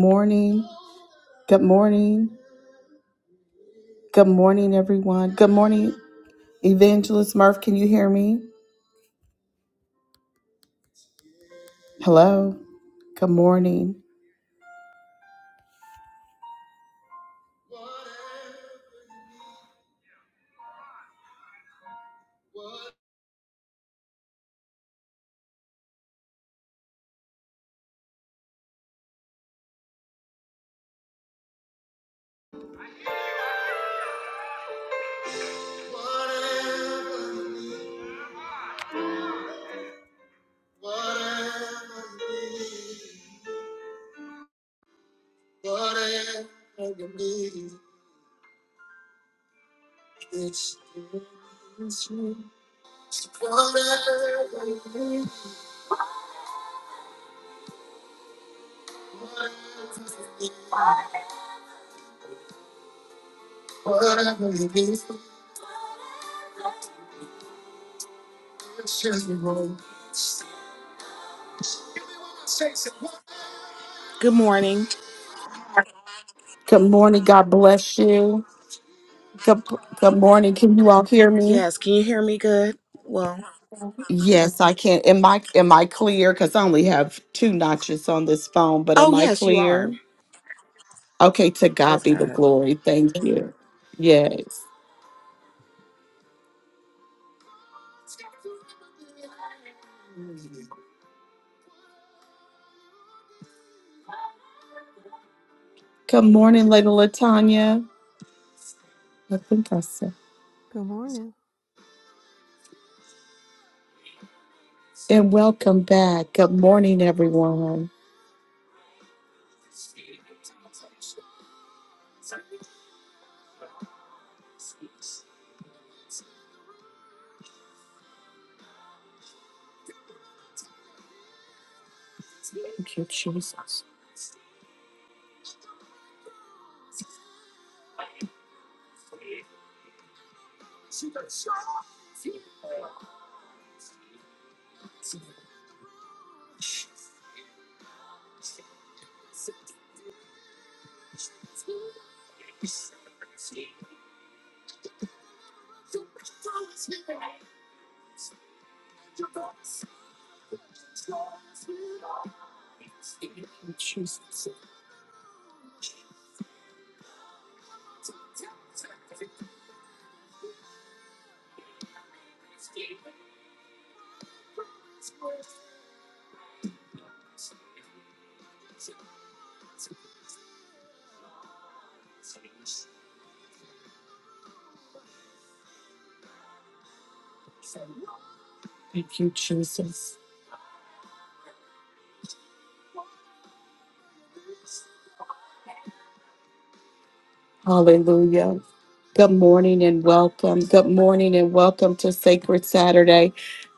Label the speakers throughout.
Speaker 1: morning. Good morning. Good morning, everyone. Good morning, Evangelist Murph. Can you hear me? Hello. Good morning.
Speaker 2: Good morning.
Speaker 1: Good morning. God bless you. Good, good morning. Can you all hear me?
Speaker 2: Yes, can you hear me good? Well,
Speaker 1: Yes, I can. Am I am I clear? Because I only have two notches on this phone, but
Speaker 2: oh,
Speaker 1: am I
Speaker 2: yes, you are.
Speaker 1: clear? Okay, to God
Speaker 2: Praise
Speaker 1: be the
Speaker 2: God.
Speaker 1: glory. Thank you. Yes. Good morning, Lady Latanya. I think I said.
Speaker 3: Good morning.
Speaker 1: And welcome back. Good morning, everyone. Jesus. Hallelujah. Good morning and welcome. Good morning and welcome to Sacred Saturday.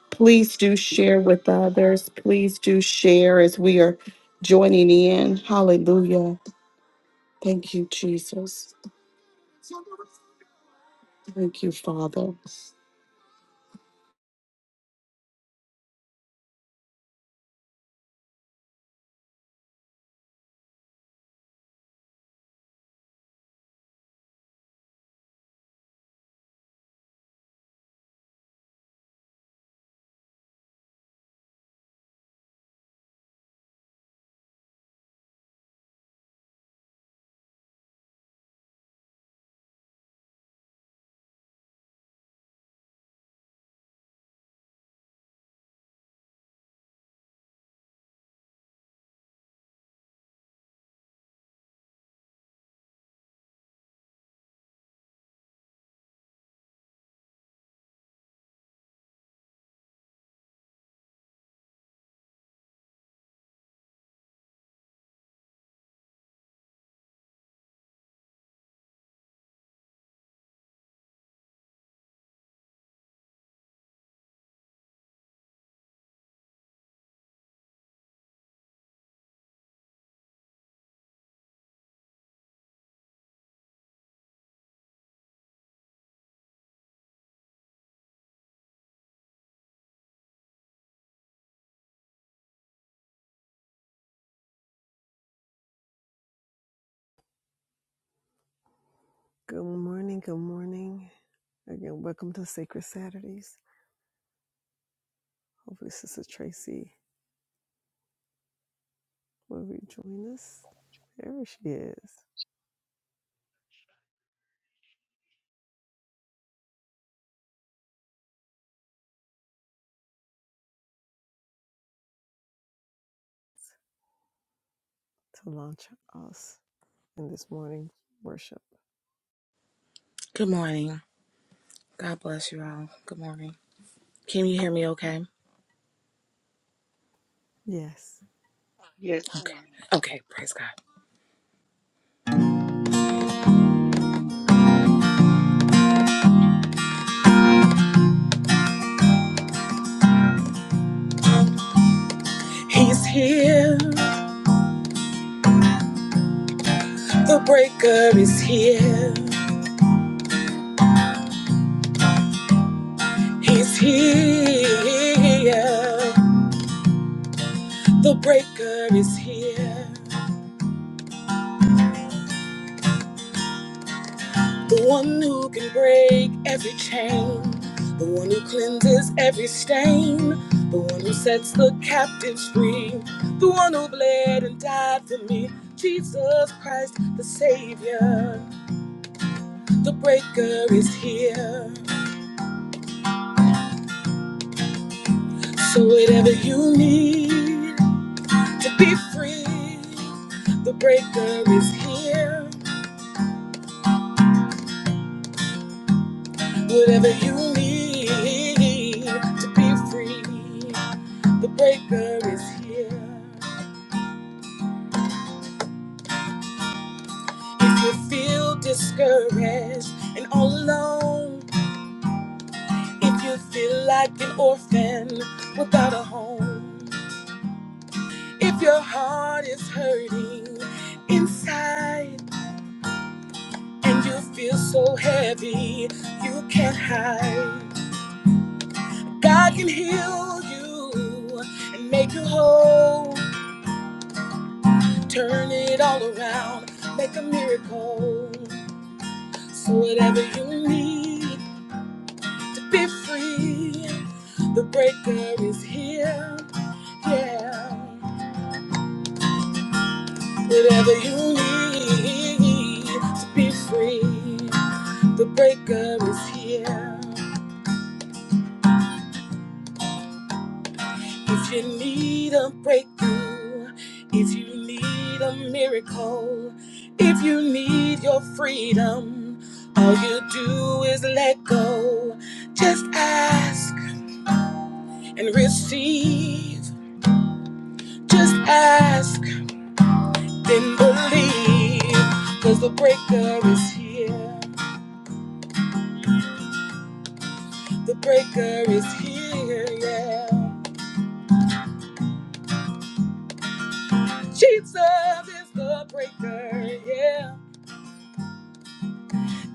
Speaker 1: Please do share with others. Please do share as we are joining in. Hallelujah. Thank you, Jesus. Thank you, Father.
Speaker 3: Good morning. Good morning. Again, welcome to Sacred Saturdays. Hopefully, Sister Tracy will rejoin us. There she is to launch us in this morning worship.
Speaker 2: Good morning. God bless you all. Good morning. Can you hear me okay?
Speaker 3: Yes.
Speaker 4: Yes.
Speaker 2: Okay. Okay, praise God. He's here. The breaker is here. He's here. The breaker is here. The one who can break every chain, the one who cleanses every stain, the one who sets the captives free, the one who bled and died for me, Jesus Christ, the Savior, the breaker is here. So, whatever you need to be free, the breaker is here. Whatever you need to be free, the breaker is here. If you feel discouraged and all alone, if you feel like an orphan without a home, if your heart is hurting inside and you feel so heavy you can't hide, God can heal you and make you whole, turn it all around, make a miracle. So, whatever you need. to be free. The breaker is here. Yeah. Whatever you need to be free. The breaker is here. If you need a breakthrough, if you need a miracle, if you need your freedom, all you do is let go. Just ask and receive. Just ask Then believe, cause the breaker is here. The breaker is here, yeah. Jesus is the breaker, yeah.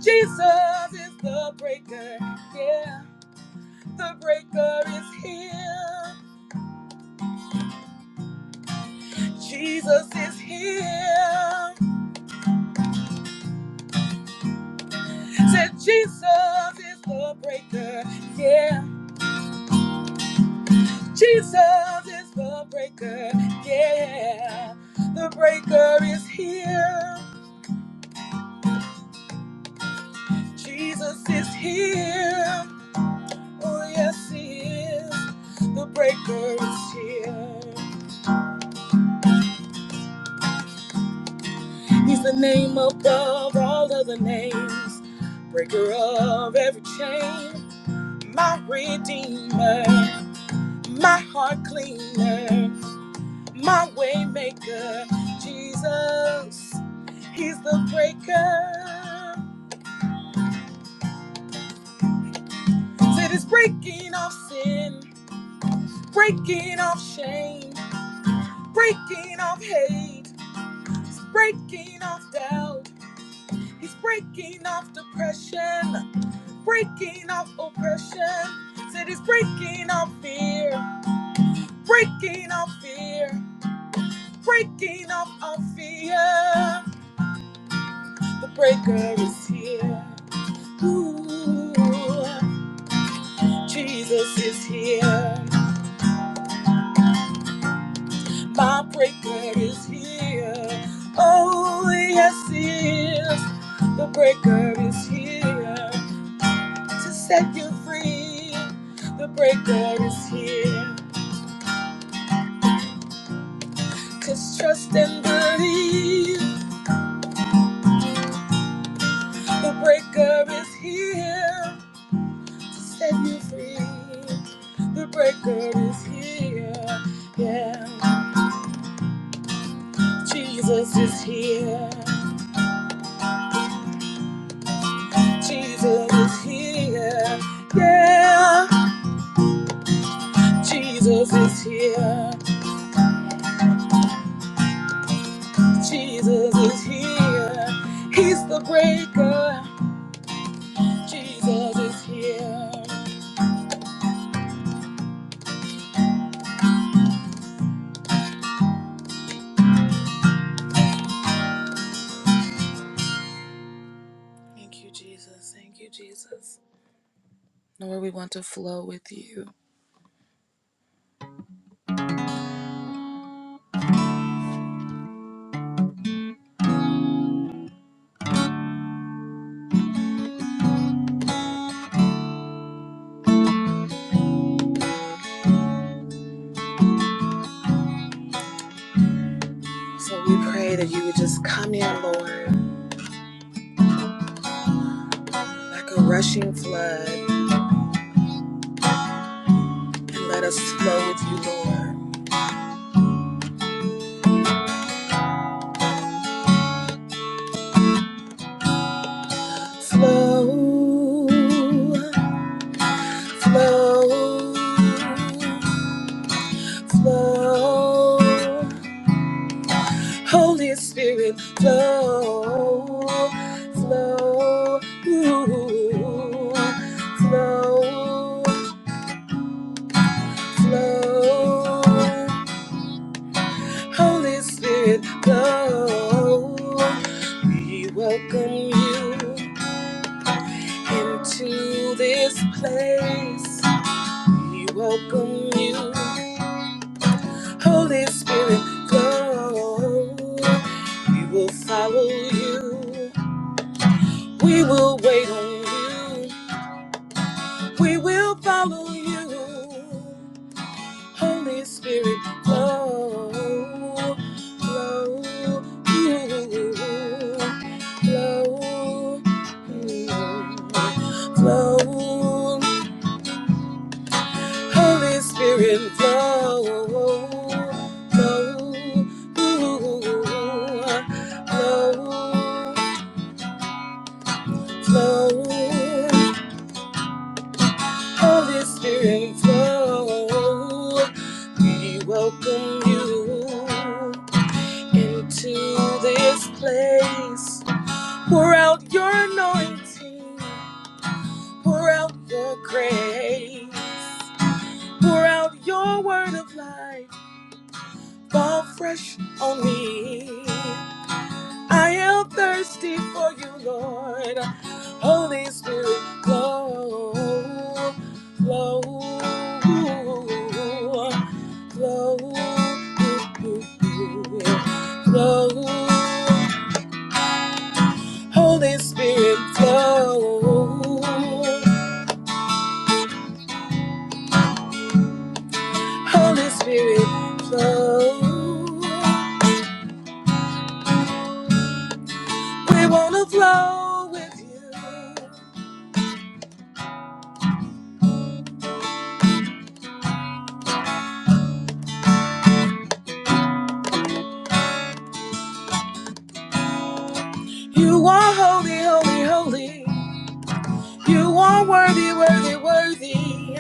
Speaker 2: Jesus is the breaker, yeah. The breaker is here. Jesus is here. Said Jesus is the breaker, yeah. Jesus is the breaker, yeah. The breaker is here. Jesus is here. Oh, yes, He is. The breaker is here. He's the name above all other names. Breaker of every chain. My redeemer. My heart cleaner. My way maker. Jesus. He's the breaker. Said it's breaking off sin. Breaking off shame. Breaking off hate breaking off doubt. He's breaking off depression, breaking off oppression. Said he's breaking off fear, breaking off fear, breaking off our fear. The breaker is here. Ooh, Jesus is here. My breaker is here. Oh, yes, he is. The breaker is here. to set you free. The breaker is here. Just trust and believe. The breaker is here to set you free. The breaker is here. Yeah. Jesus is here. Jesus is here. Yeah. Jesus is here. Jesus is here. He's the breaker. Jesus is here. Thank you, Jesus. Thank you, Jesus. Lord, we want to flow with you. So we pray that you would just come in, Lord, like a rushing flood, and let us flow with you, Lord. Flow, flow, flow. Holy Spirit, flow, flow, flow, flow. Holy Spirit, blow. We welcome you into this place. We welcome you, Holy Spirit, blow. We will follow you. We will wait on you. We will follow you. Holy Spirit, flow, flow, you, flow, mm, flow. Holy Spirit, flow, flow, you, flow, flow. Holy Spirit, flow. We welcome you. into this place. Pour out your anointing, pour out your grace, pour out your word of life, fall fresh on me. I am thirsty for you, Lord. Holy Spirit, flow, flow, flow, flow. Holy Spirit flow. Holy Spirit flow. We wanna flow with you. You are holy, holy, holy. You are worthy, worthy, worthy.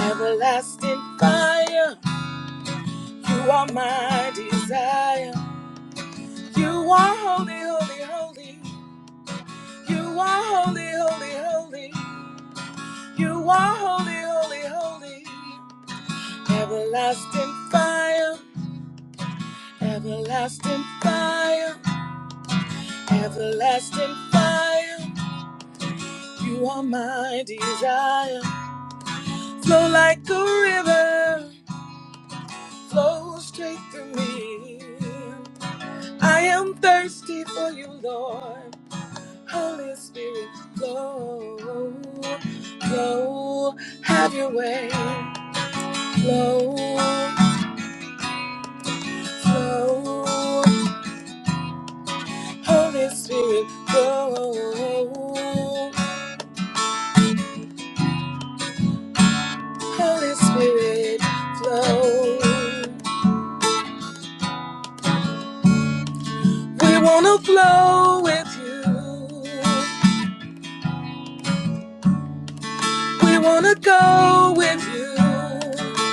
Speaker 2: Everlasting fire. You are my desire. You are holy, holy, holy. You are holy, holy, holy. You are holy, holy, holy. Everlasting fire, everlasting fire, everlasting fire. You are my desire. Flow like a river, flow straight through me. I am thirsty for you, Lord. Holy Spirit, flow, flow, have your way. Flow, flow. Holy Spirit, flow. Holy Spirit, flow. We wanna flow with you. We wanna go with you.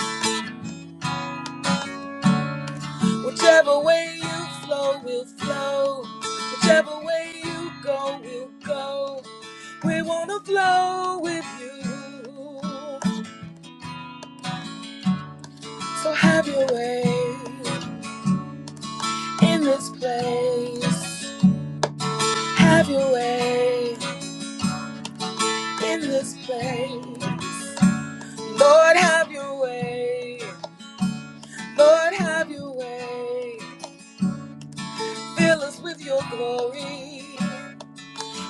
Speaker 2: Whichever way you flow, we'll flow. Whichever way you go, we'll go. We wanna flow with you. So have your way in this place. Have your way. in this place. Lord, have your way. Lord, have your way. Fill us with your glory.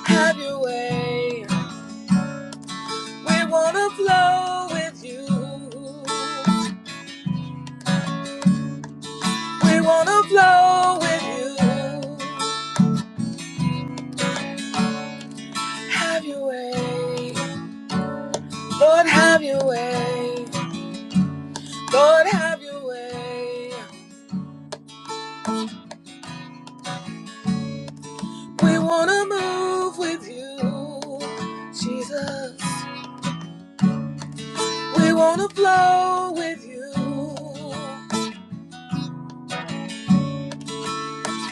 Speaker 2: Have your way. We want to flow with you. We want to flow with you. Have your way. Lord, have your way. Lord, have your way. We want to move with you, Jesus. We wanna flow with you.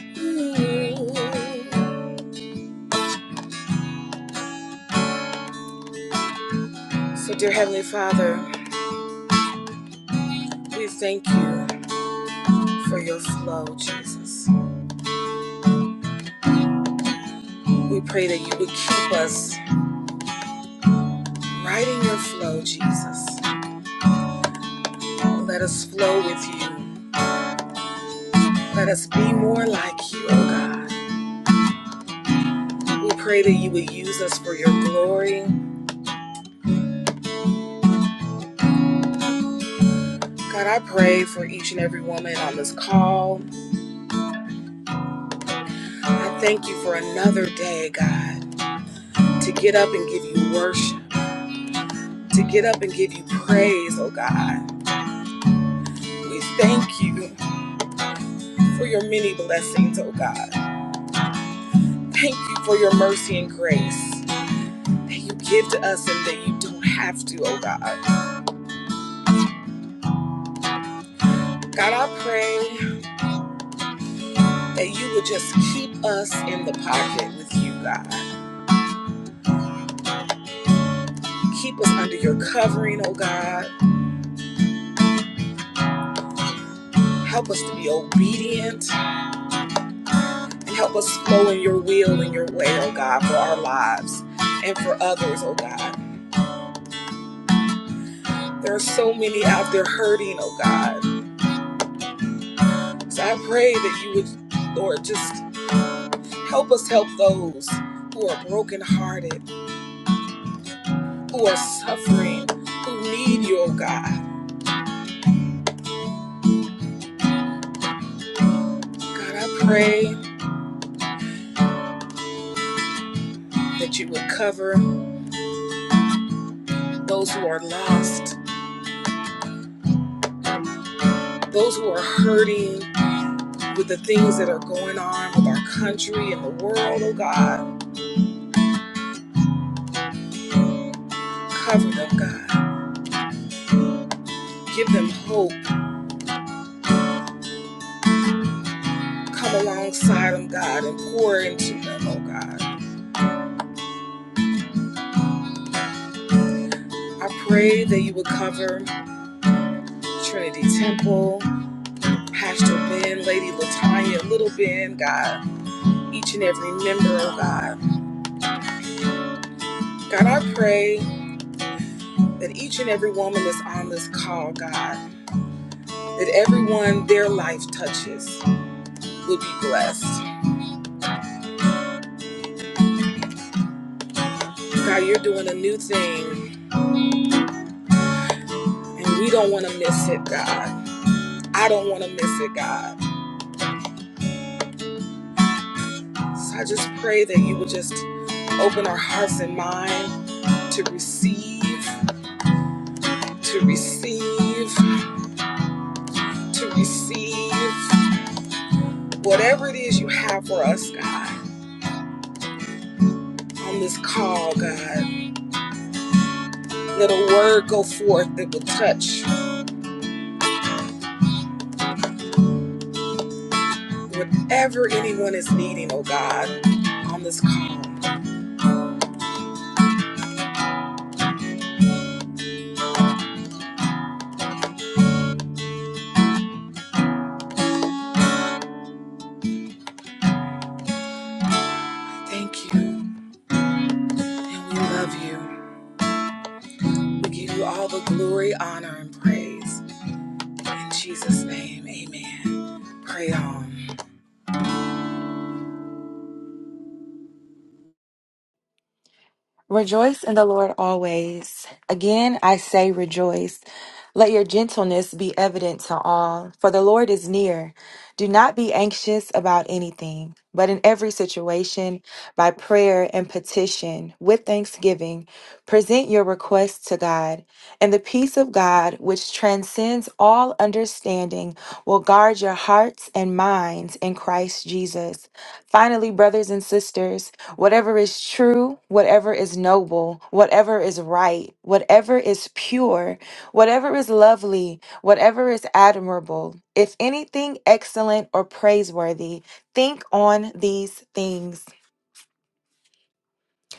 Speaker 2: Mm. So, dear Heavenly Father, we thank you for your flow, Jesus. We pray that you would keep us right in your flow, Jesus. Let us flow with you. Let us be more like you, oh God. We pray that you would use us for your glory. God, I pray for each and every woman on this call. I thank you for another day, God, to get up and give you worship to get up and give you praise, oh God. We thank you for your many blessings, oh God. Thank you for your mercy and grace that you give to us and that you don't have to, oh God. God, I pray that you would just keep us in the pocket with you, God. Keep us under your covering, oh God. Help us to be obedient and help us flow in your will and your way, oh God, for our lives and for others, oh God. There are so many out there hurting, oh God. So I pray that you would, Lord, just help us help those who are brokenhearted, who are suffering, who need you, oh God. God, I pray that you would cover those who are lost, those who are hurting with the things that are going on with our country and the world, oh God. Cover them, God. Give them hope. Come alongside them, God, and pour into them, oh God. I pray that you would cover Trinity Temple. Pastor Ben, Lady Latanya, Little Ben, God, each and every member, oh God. God, I pray that each and every woman that's on this call, God, that everyone their life touches will be blessed. God, you're doing a new thing, and we don't want to miss it, God. I don't want to miss it, God. So I just pray that you would just open our hearts and mind to receive, to receive, to receive. Whatever it is you have for us, God, on this call, God, let a word go forth that will touch whatever anyone is needing, oh God, on this call. Thank you, and we love you. We give you all the glory, honor, and praise. In Jesus' name, amen. Pray on.
Speaker 5: Rejoice in the Lord always. Again, I say rejoice. Let your gentleness be evident to all, for the Lord is near. Do not be anxious about anything, but in every situation, by prayer and petition, with thanksgiving, present your requests to God. And the peace of God, which transcends all understanding, will guard your hearts and minds in Christ Jesus. Finally, brothers and sisters, whatever is true, whatever is noble, whatever is right, whatever is pure, whatever is lovely, whatever is admirable, if anything excellent or praiseworthy, think on these things.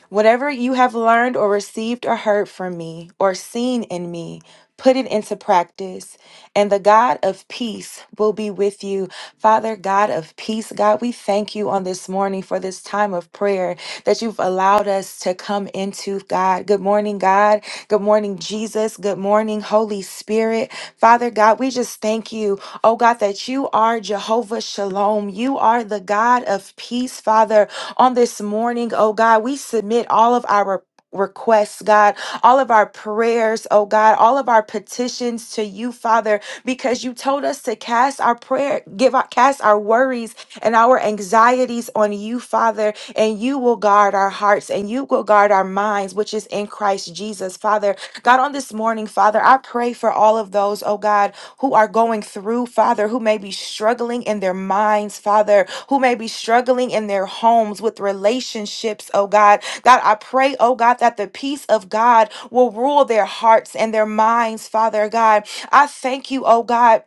Speaker 5: Whatever you have learned or received or heard from me or seen in me, put it into practice, and the God of peace will be with you. Father, God of peace, God, we thank you on this morning for this time of prayer that you've allowed us to come into, God. Good morning, God. Good morning, Jesus. Good morning, Holy Spirit. Father, God, we just thank you, oh God, that you are Jehovah Shalom. You are the God of peace, Father on this morning, oh God. We submit all of our requests, God, all of our prayers, oh God, all of our petitions to you, Father, because you told us to cast our prayer, give our cast our worries and our anxieties on you, Father, and you will guard our hearts and you will guard our minds, which is in Christ Jesus, Father. God, on this morning, Father, I pray for all of those, oh God who are going through, Father, who may be struggling in their minds, Father, who may be struggling in their homes with relationships, oh God. God, I pray, oh God, that the peace of God will rule their hearts and their minds, Father God. I thank you, oh God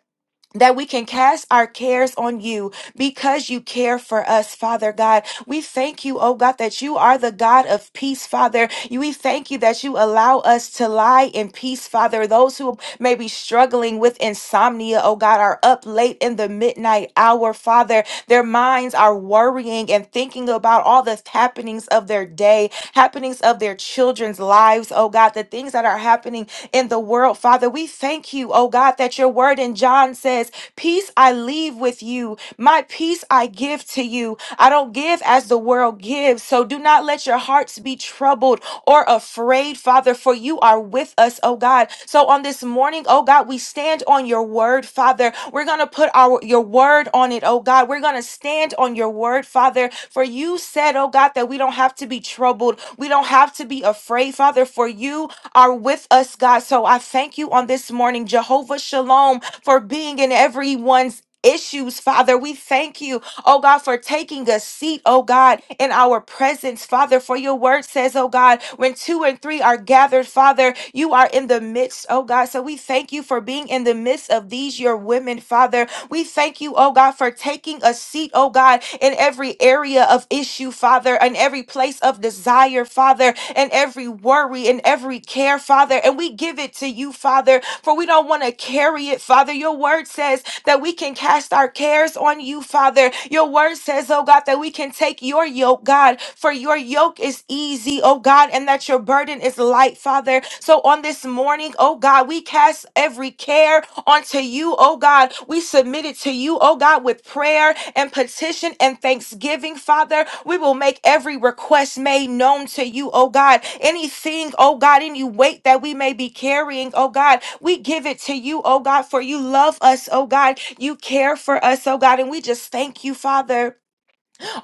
Speaker 5: that we can cast our cares on you because you care for us, Father God. We thank you, oh God, that you are the God of peace, Father. You- We thank you that you allow us to lie in peace, Father. Those who may be struggling with insomnia, oh God, are up late in the midnight hour, Father. Their minds are worrying and thinking about all the happenings of their day, happenings of their children's lives, oh God, the things that are happening in the world world. Father, we thank you, oh God, that your word in John says, Peace I leave with you, my peace I give to you. I don't give as the world gives. So do not let your hearts be troubled or afraid, Father, for you are with us, oh God. So on this morning, oh God, we stand on your word, Father. We're going to put our your word on it, oh God. We're going to stand on your word, Father, for you said, oh God. God, that we don't have to be troubled. We don't have to be afraid, Father, for you are with us, God. So I thank you on this morning, Jehovah Shalom, for being in everyone's issues, Father. We thank you, oh God, for taking a seat, oh God, in our presence, Father. For your word says, oh God, when two and three are gathered, Father, you are in the midst, oh God. So we thank you for being in the midst of these, your women, women, Father. We thank you, oh God, for taking a seat, oh God, in every area of issue, Father, in every place of desire, Father, in every worry, in every care, Father. And we give it to you, Father, for we don't want to carry it, Father. Your word says that we can cast our cares on you, Father. Your word says, oh God, that we can take your yoke, God, for your yoke is easy, oh God, and that your burden is is light, Father. So on this morning, oh God, we cast every care onto you, oh God. We submit it to you, oh God, with prayer and petition and thanksgiving, Father. We will make every request made known to you, oh God. Anything, oh God, any weight that we may be carrying, oh God, we give it to you, oh God, for you love us, oh God. You care for us, oh God. And we just thank you, Father.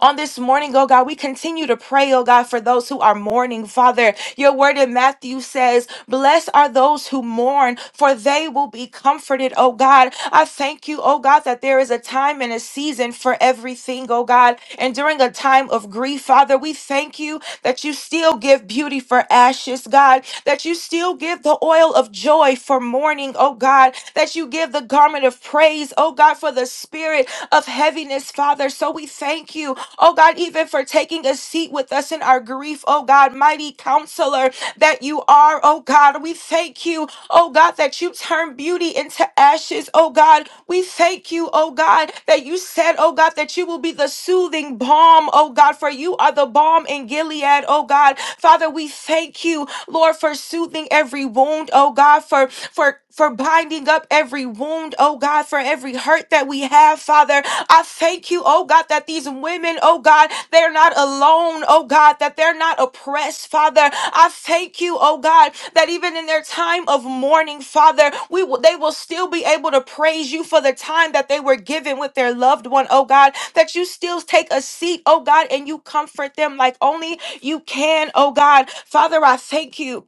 Speaker 5: On this morning, oh God, we continue to pray, oh God, for those who are mourning, Father. Your word in Matthew says, Blessed are those who mourn, for they will be comforted, oh God. I thank you, oh God, that there is a time and a season for everything, oh God. And during a time of grief, Father, we thank you that you still give beauty for ashes, God, that you still give the oil of joy for mourning, oh God, that you give the garment of praise, oh God, for the spirit of heaviness, Father. So we thank you, oh God, even for taking a seat with us in our grief, oh God, mighty counselor that you are, oh God. We thank you, oh God, that you turn turn beauty into ashes, oh God. We thank you, oh God, that you said, oh God, that you will be the soothing balm, oh God, for you are the balm in Gilead, oh God. Father, we thank you, Lord, for soothing every wound, oh God, for for for binding up every wound, oh God, for every hurt that we have, Father. I thank you, oh God, that the these women, oh God, they're not alone, oh God, that they're not oppressed, Father. I thank you, oh God, that even in their time of mourning, Father, we will, they will still be able to praise you for the time that they were given with their loved one, oh God, that you still take a seat, oh God, and you comfort them like only you can, oh God. Father, I thank you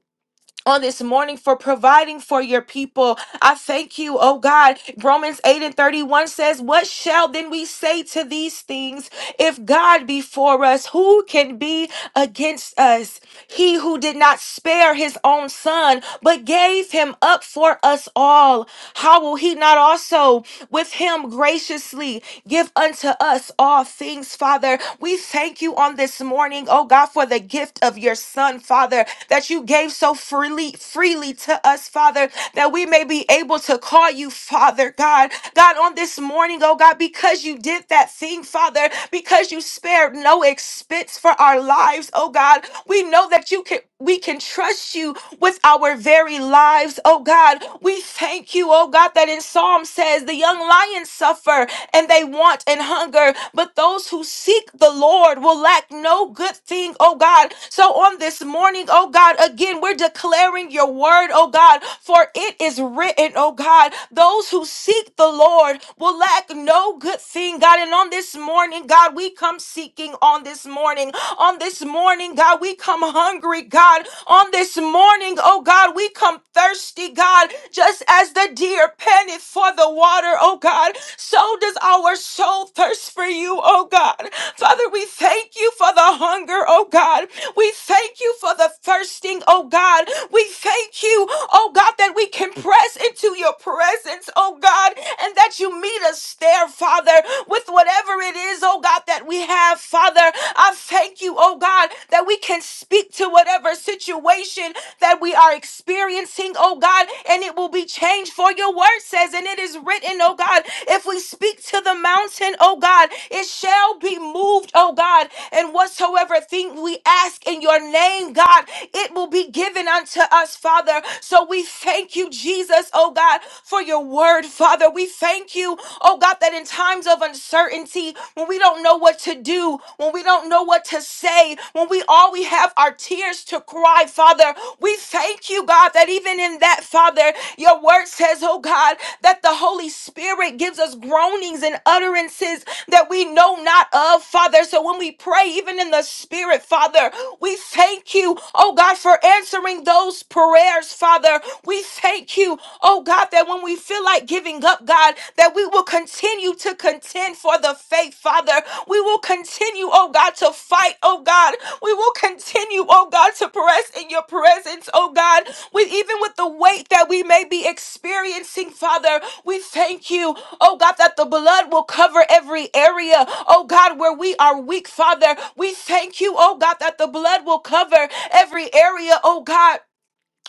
Speaker 5: on this morning for providing for your people. I thank you, oh God. Romans 8 and 31 says, What shall then we say to these things? If God be for us, who can be against us? He who did not spare his own son, but gave him up for us all, how will he not also with him graciously give unto us all things, Father? We thank you on this morning, oh God, for the gift of your son, Father, that you gave so freely, freely to us, Father, that we may be able to call you Father, God. God, on this morning, oh God, because you did that thing, Father, because you spared no expense, thanks for our lives, oh God. We know that you can we can trust you with our very lives, oh God. We thank you, oh God, that in Psalm says the young lions suffer and they want and hunger, but those who seek the Lord will lack no good thing, oh God. So on this morning, oh God, again, we're declaring your word, oh God, for it is written, oh God, those who seek the Lord will lack no good thing, God. And on this morning, morning, God, we come seeking on this morning. On this morning, God, we come hungry, God. On this morning, oh God, we come thirsty, God, just as the deer panteth for the water, oh God. So does our soul thirst for you, oh God. Father, we thank you for the hunger, oh God. We thank you for the thirsting, oh God. We thank you, oh God, that we can press into your presence, oh God, and that you meet us there share, Father, with whatever it is, oh God, that we have, Father. I thank you, oh God, that we can speak to whatever situation that we are experiencing, oh God, and it will be changed for your word says, and it is written, oh God, if we speak to the mountain, oh God, it shall be moved, oh God, and whatsoever thing we ask in your name, God, it will be given unto us, Father. So we thank you, Jesus, oh God, for your word word, Father. We thank you, oh God, that in times of uncertainty, when we don't know what to do, when we don't know what to say, when we all we have are tears to cry, Father, we thank you, God, that even in that, Father, your word says, oh God, that the Holy Spirit gives us groanings and utterances that we know not of, Father. So when we pray, even in the Spirit, Father, we thank you, oh God, for answering those prayers, Father. We thank Thank you, oh God, that when we feel like giving up, God, that we will continue to contend for the faith, Father. We will continue, oh God, to fight, oh God. We will continue, oh God, to press in your presence, oh God, with even with the weight that we may be experiencing, Father. We thank you, oh God, that the blood will cover every area, oh God, where we are weak, Father. We thank you, oh God, that the blood will cover every area, oh God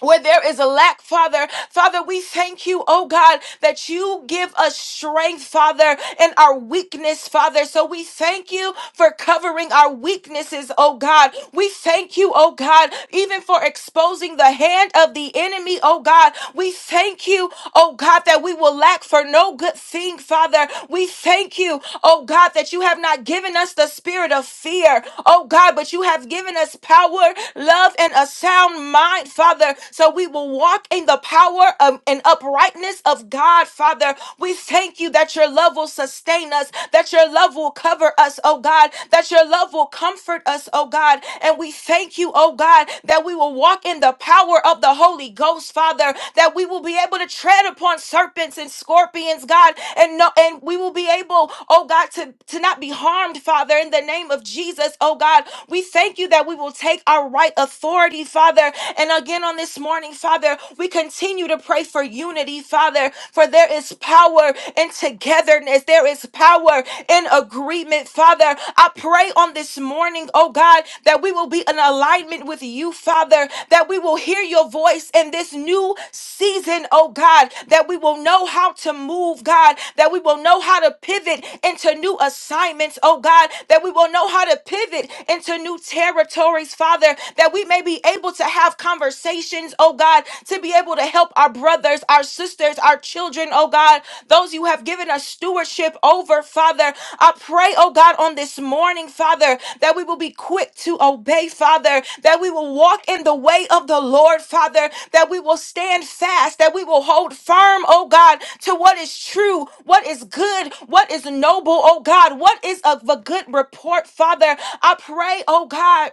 Speaker 5: where there is a lack, Father. Father, we thank you, oh God, that you give us strength, Father, in our weakness, Father. So we thank you for covering our weaknesses, oh God. We thank you, oh God, even for exposing the hand of the enemy, oh God. We thank you, oh God, that we will lack for no good thing, Father. We thank you, oh God, that you have not given us the spirit of fear, oh God, but you have given us power, love, and a sound mind mind, Father, so we will walk in the power of, and uprightness of God, Father. We thank you that your love will sustain us, that your love will cover us, oh God, that your love will comfort us, oh God. And we thank you, oh God, that we will walk in the power of the Holy Ghost, Father, that we will be able to tread upon serpents and scorpions, God, and no, and we will be able, oh God, to, to not be harmed, Father, in the name of Jesus, oh God. We thank you that we will take our right authority authority, Father. And again on this morning, Father, we continue to pray for unity, Father, for there is power in togetherness, there is power in agreement, Father. I pray on this morning, oh God, that we will be in alignment with you, Father, that we will hear your voice in this new season, oh God, that we will know how to move, God, that we will know how to pivot into new assignments, oh God, that we will know how to pivot into new territories, Father, Father, that we may be able to have conversations, oh God, to be able to help our brothers, our sisters, our children, oh God, those you have given us stewardship over, Father. I pray, oh God, on this morning, Father, that we will be quick to obey, Father, that we will walk in the way of the Lord, Father, that we will stand fast, that we will hold firm, oh God, to what is true, what is good, what is noble, oh God, what is of a good report, Father. I pray, oh God.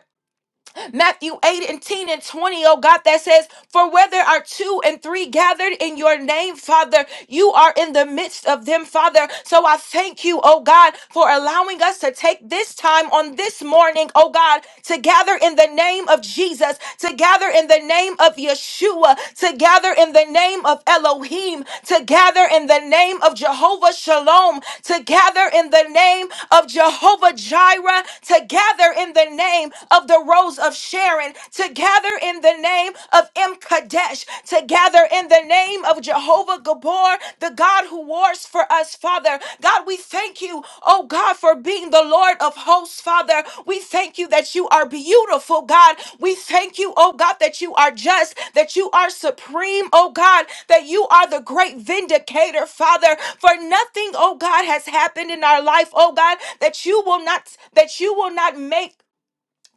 Speaker 5: Matthew 8 and 10 and 20, O God, that says, For where there are two and three gathered in your name, Father, you are in the midst of them, Father. So I thank you, oh God, for allowing us to take this time on this morning, oh God, to gather in the name of Jesus, to gather in the name of Yeshua, to gather in the name of Elohim, to gather in the name of Jehovah Shalom, to gather in the name of Jehovah Jireh, to gather in the name of of the rose of Sharon, to gather in the name of M. Kadesh, to gather in the name of Jehovah Gabor, the God who wars for us, Father. God, we thank you, oh God, for being the Lord of hosts, Father. We thank you that you are beautiful, God. We thank you, oh God, that you are just, that you are supreme, oh God, that you are the great vindicator, Father. For nothing, oh God, has happened in our life, oh God, that you will not that you will not make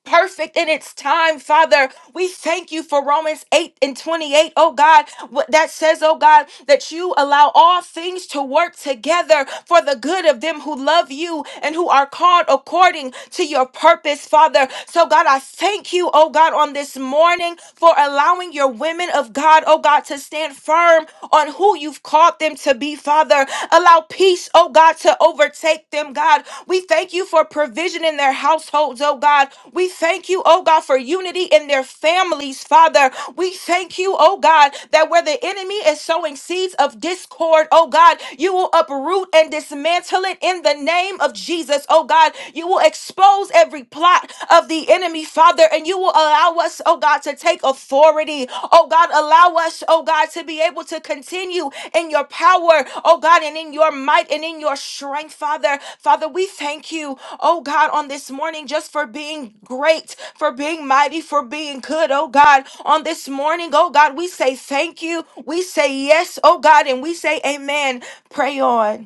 Speaker 5: perfect in its time, Father. We thank you for Romans 8 and 28, oh God, what that says, oh God, that you allow all things to work together for the good of them who love you and who are called according to your purpose, Father. So, God, I thank you, oh God, on this morning for allowing your women of God, oh God, to stand firm on who you've called them to to be, Father. Allow peace, oh God, to overtake them, God. We thank you for provision in their households, oh God. We thank you, oh God, for unity in their families, Father. We thank you, oh God, that where the enemy is sowing seeds of discord, oh God, you will uproot and dismantle it in the name of Jesus, oh God. You will expose every plot of the enemy, Father, and you will allow us, oh God, to take authority. Oh God, allow us, oh God, to be able to continue in your power, oh God, and in your might and in your strength, Father. Father, we thank you, oh God, on this morning just for being great, for being mighty, for being good, oh God. On this morning, oh God, we say thank you. We say yes, oh God, and we say amen. Pray on.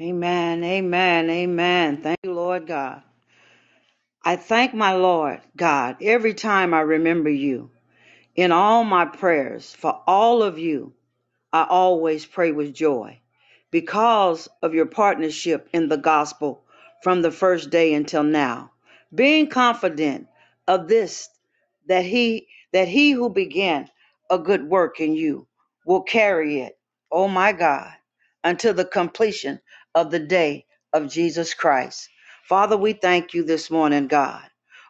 Speaker 4: Amen. Amen. Amen. Thank you, Lord God. I thank my Lord God every time I remember you in all my prayers for all of you I always pray with joy because of your partnership in the gospel from the first day until now, being confident of this that he that he who began a good work in you will carry it, oh my God, until the completion of the day of Jesus Christ. Father, we thank you this morning, God.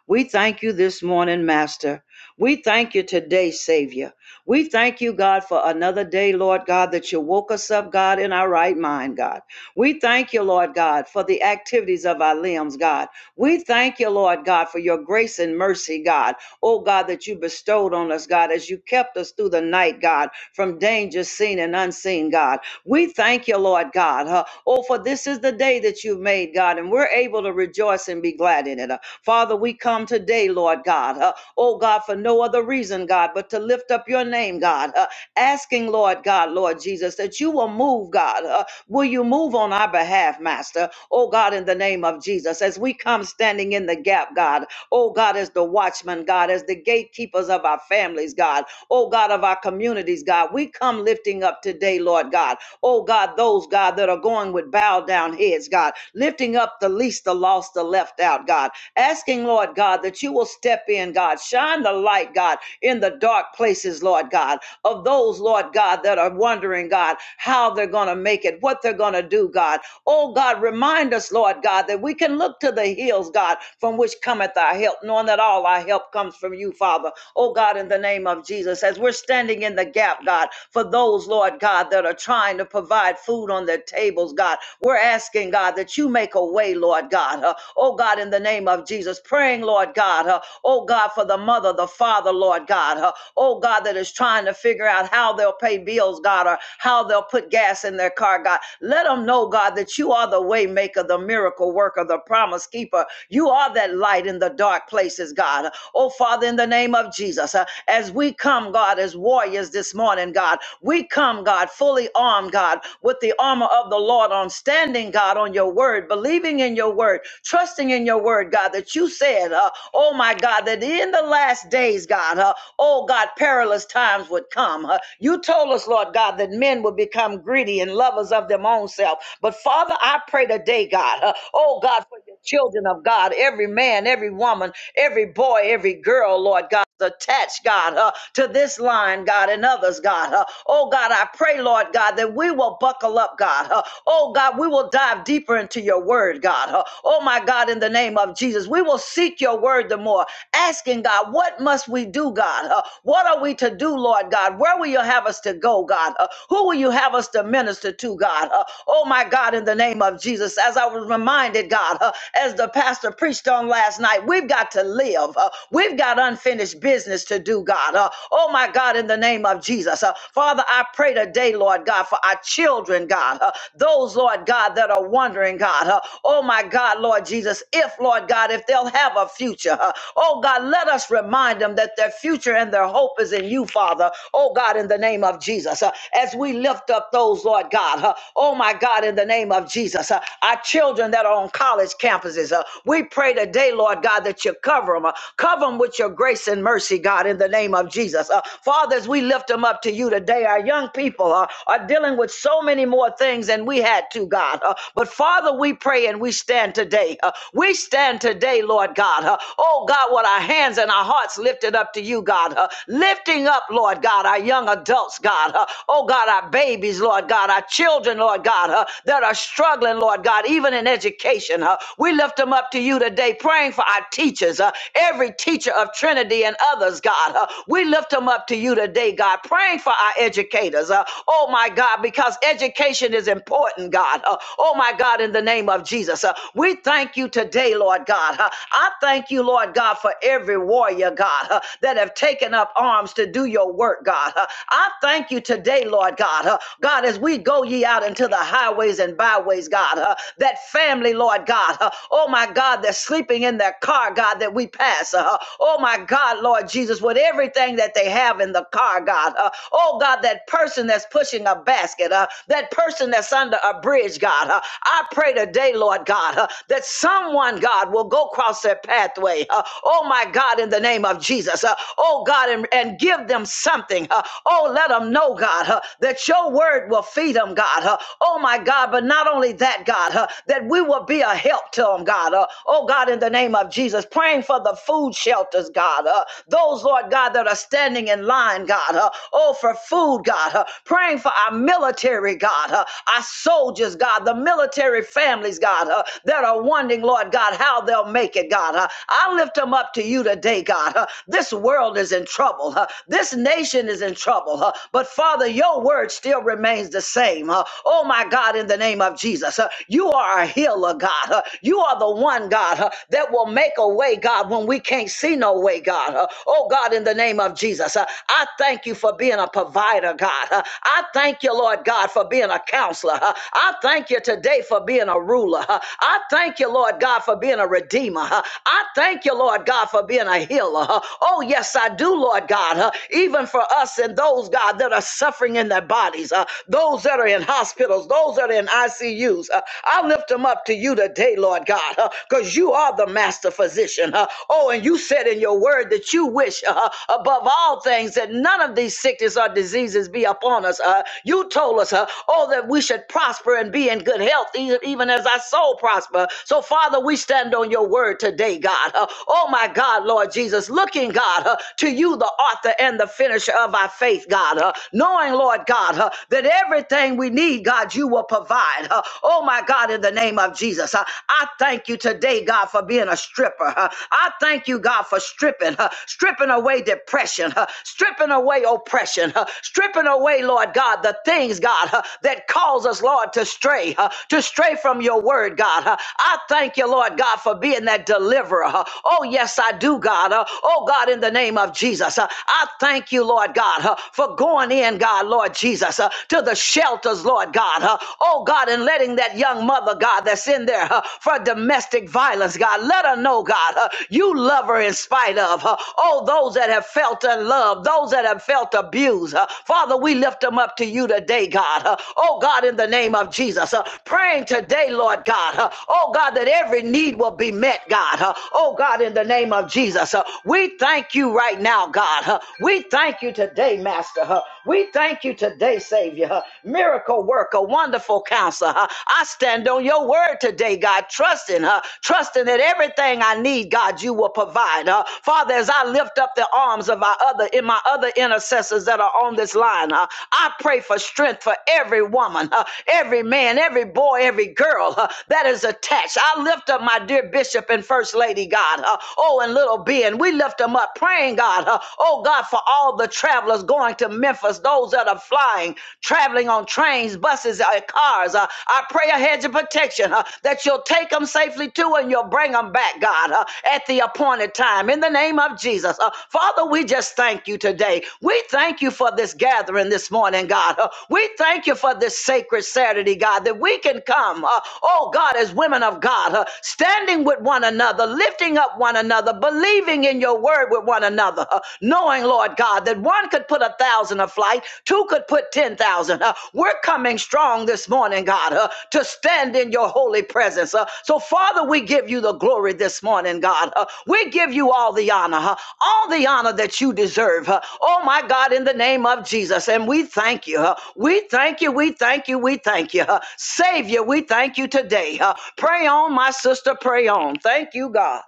Speaker 4: We thank you this morning, Master. We thank you today, Savior. We thank you, God, for another day, Lord God, that you woke us up, God, in our right mind, God. We thank you, Lord God, for the activities of our limbs, God. We thank you, Lord God, for your grace and mercy, God. Oh, God, that you bestowed on us, God, as you kept us through the night, God, from danger seen and unseen, God. We thank you, Lord God. huh? Oh, for this is the day that you've made, God, and we're able to rejoice and be glad in it. uh. Father, we come today, Lord God. huh? Oh, God, for no other reason, God, but to lift up your name, God, huh? asking, Lord God, Lord Jesus, that you will move, God. huh? Will you move on our behalf, Master? Oh, God, in the name of Jesus, as we come standing in the gap, God. Oh, God, as the watchman, God, as the gatekeepers of our families, God oh God, of our communities, God. We come lifting up today, Lord God. Oh God, those, God, that are going with bowed down heads, God, lifting up the least, the lost, the left out, God. Asking, Lord God, that you will step in, God. Shine the light, God, in the dark places, Lord God, of those, Lord God, that are wondering, God, how they're going to make it, what they're going to do, God. Oh God, remind us, Lord God, that we can look to the hills, God, from which cometh our help, knowing that all our help comes from you, Father. Oh oh God, in the name of Jesus, as we're standing in the gap, God, for those, Lord God, that are trying to provide food on their tables, God, we're asking, God, that you make a way, Lord God, uh, oh God, in the name of Jesus, praying, Lord God, uh, oh God, for the mother, the father, Lord God, uh, oh God, that is trying to figure out how they'll pay bills, God, or how they'll put gas in their car, God. Let them know, God, that you are the way maker, the miracle worker, the promise keeper. You are that light in the dark places, God. Oh, Father. Father, in the name of Jesus, uh, as we come, God, as warriors this morning, God, we come, God, fully armed, God, with the armor of the Lord on standing, God, on your word, believing in your word, trusting in your word, God, that you said, uh, oh my God, that in the last days, God, uh, oh God, perilous times would come. uh, you told us, Lord God, that men would become greedy and lovers of their own self. But Father, I pray today, God, uh, oh God, for your children of God, every man, every woman, every boy, every girl, Lord God, is attached, God, uh, to this line, God, and others, God. Uh, oh, God, I pray, Lord God, that we will buckle up, God. Uh, oh, God, we will dive deeper into your word, God. Uh, oh, my God, in the name of Jesus, we will seek your word the more, asking, God, what must we do, God? Uh, what are we to do, Lord God? Where will you have us to go, God? Uh, who will you have us to minister to, God? Uh, oh, my God, in the name of Jesus, as I was reminded, God, uh, as the pastor preached on on last night. We've got to live. Uh, we've got unfinished business to do, God. Uh, oh, my God, in the name of Jesus. Uh, Father, I pray today, Lord God, for our children, God. Uh, those, Lord God, that are wondering, God. Uh, oh, my God, Lord Jesus, if, Lord God, if they'll have a future. Uh, oh, God, let us remind them that their future and their hope is in you, Father. Oh, God, in the name of Jesus. Uh, as we lift up those, Lord God. Uh, oh, my God, in the name of Jesus. Uh, our children that are on college campuses businesses. Uh, we pray today, Lord God, that you cover them. Uh, cover them with your grace and mercy, God, in the name of Jesus. Uh, Father, as we lift them up to you today, our young people uh, are dealing with so many more things than we had to, God. Uh, but Father, we pray and we stand today. Uh, we stand today, Lord God. Uh, oh, God, what our hands and our hearts lifted up to you, God. Uh, lifting up, Lord God, our young adults, God. Uh, oh, God, our babies, Lord God, our children, Lord God, uh, that are struggling, Lord God, even in education education. Uh, we lift them up to you today, praying for our teachers, uh, every teacher of Trinity and others, God. Uh, we lift them up to you today, God, praying for our educators. Uh, oh, my God, because education is important, God. Uh, oh, my God, in the name of Jesus. Uh, we thank you today, Lord God. Uh, I thank you, Lord God, for every warrior, God, uh, that have taken up arms to do your work, God. Uh, I thank you today, Lord God. Uh, God, as we go ye out into the highways and byways, God. God, uh, that family, Lord God, uh, oh my God, that's sleeping in their car, God, that we pass, uh, oh my God, Lord Jesus, with everything that they have in the car, God, uh, oh God, that person that's pushing a basket, uh, that person that's under a bridge, God, uh, I pray today, Lord God, uh, that someone, God, will go across their pathway, uh, oh my God, in the name of Jesus, uh, oh God, and, and give them something, uh, oh, let them know, God, uh, that your word will feed them, God, uh, oh my my God, but not only that, God, uh, that we will be a help to them, God. Uh, oh, God, in the name of Jesus, praying for the food shelters, God. Uh, those, Lord God, that are standing in line, God. Uh, oh, for food, God. Uh, praying for our military, God. Uh, our soldiers, God. The military families, God, uh, that are wondering, Lord God, how they'll make it, God. Uh, I lift them up to you today, God. Uh, this world is in trouble. Uh, this nation is in trouble. Uh, but, Father, your word still remains the same same. Uh, oh my God, in the name of Jesus, uh, you are a healer, God. Uh, you are the one, God, uh, that will make a way, God, when we can't see no way, God. Uh, oh God, in the name of Jesus, uh, I thank you for being a provider, God. Uh, I thank you, Lord God, for being a counselor. Uh, I thank you today for being a ruler. Uh, I thank you, Lord God, for being a redeemer. Uh, I thank you, Lord God, for being a healer. Uh, oh yes, I do, Lord God, uh, even for us and those, God, that are suffering in their body bodies, uh, those that are in hospitals, those that are in ICUs. Uh, I lift them up to you today, Lord God, because uh, you are the master physician. Uh, oh, and you said in your word that you wish uh, above all things that none of these sickness or diseases be upon us. Uh, you told us, uh, oh, that we should prosper and be in good health, e- even as our soul prosper. So, Father, we stand on your word today, God. Uh, oh, my God, Lord Jesus, looking, God, uh, to you, the author and the finisher of our faith, God. uh uh, knowing, Lord God, uh, that everything we need, God, you will provide. uh, oh, my God, in the name of Jesus, uh, I thank you today, God, for being a stripper. uh, I thank you, God, for stripping, uh, stripping away depression, uh, stripping away oppression, uh, stripping away, Lord God, the things, God, uh, that cause us, Lord, to stray, uh, to stray from your word, God. uh, I thank you, Lord God, for being that deliverer. uh, oh, yes, I do, God. uh, oh, God, in the name of Jesus, uh, I thank you, Lord. Lord God, huh, for going in, God, Lord Jesus, huh, to the shelters, Lord God, huh, oh God, and letting that young mother, God, that's in there huh, for domestic violence, God, let her know, God, huh, you love her in spite of, huh, oh, those that have felt unloved, those that have felt abused, huh, Father, we lift them up to you today, God, huh, oh God, in the name of Jesus, huh, praying today, Lord God, huh, oh God, that every need will be met, God, huh, oh God, in the name of Jesus, huh, we thank you right now, God. God. huh? We thank you today, Master. huh? We thank you today, Savior. huh? Miracle worker, wonderful counselor. huh? I stand on your word today, God, trusting her, trusting that everything I need, God, you will provide. huh? Father, as I lift up the arms of our other in my other intercessors that are on this line, huh? I pray for strength for every woman, huh? every man, every boy, every girl huh? that is attached. I lift up my dear bishop and first lady, God. huh? Oh, and little Ben, we lift them up them up, praying, God, uh, oh God, for all the travelers going to Memphis, those that are flying, traveling on trains, buses, uh, cars. Uh, I pray a hedge of protection uh, that you'll take them safely to and you'll bring them back, God, uh, at the appointed time. In the name of Jesus. Uh, Father, we just thank you today. We thank you for this gathering this morning, God. Uh, we thank you for this sacred Saturday, God, that we can come, uh, oh God, as women of God, uh, standing with one another, lifting up one another, believing in your word with one another, uh, knowing, Lord God, that one could put a thousand a flight, two could put 10,000. Uh, we're coming strong this morning, God, uh, to stand in your holy presence. Uh, so, Father, we give you the glory this morning, God. Uh, we give you all the honor, uh, all the honor that you deserve. uh, oh, my God, in the name of Jesus. And we thank you. uh, we thank you. We thank you. We thank you. uh, Savior, we thank you today. uh, pray on, my sister. Pray on. Thank you, God.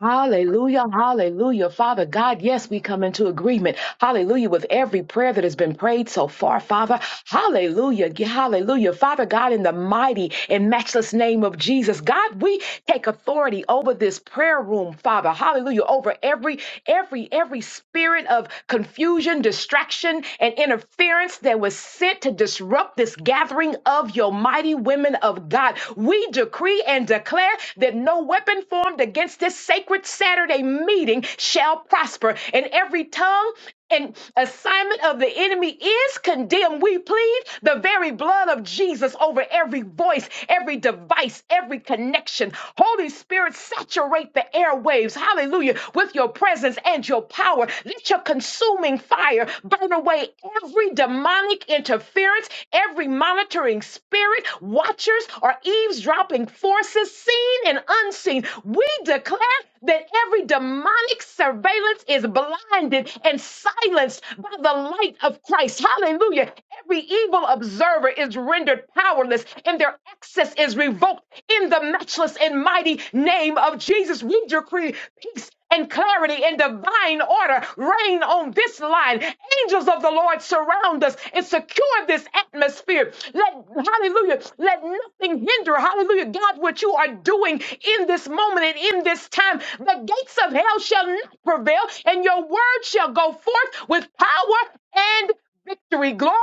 Speaker 6: Hallelujah, hallelujah. Father God, yes, we come into agreement. Hallelujah, with every prayer that has been prayed so far, Father. Hallelujah, hallelujah. Father God, in the mighty and matchless name of Jesus, God, we take authority over this prayer room, Father. Hallelujah, over every, every, every spirit of confusion, distraction, and interference that was sent to disrupt this gathering of your mighty women of God. We decree and declare that no weapon formed against this sacred Saturday meeting shall prosper, and every tongue and assignment of the enemy is condemned. We plead the very blood of Jesus over every voice, every device, every connection. Holy Spirit, saturate the airwaves, hallelujah, with your presence and your power. Let your consuming fire burn away every demonic interference, every monitoring spirit, watchers, or eavesdropping forces, seen and unseen. We declare declare that every demonic surveillance is blinded and silenced by the light of Christ. Hallelujah. Every evil observer is rendered powerless and their access is revoked in the matchless and mighty name of Jesus. We decree peace and clarity and divine order reign on this line. Angels of the Lord surround us and secure this atmosphere. Let hallelujah, let nothing hinder, hallelujah, God, what you are doing in this moment and in this in this time. The gates of hell shall not prevail, and your word shall go forth with power and victory. Glory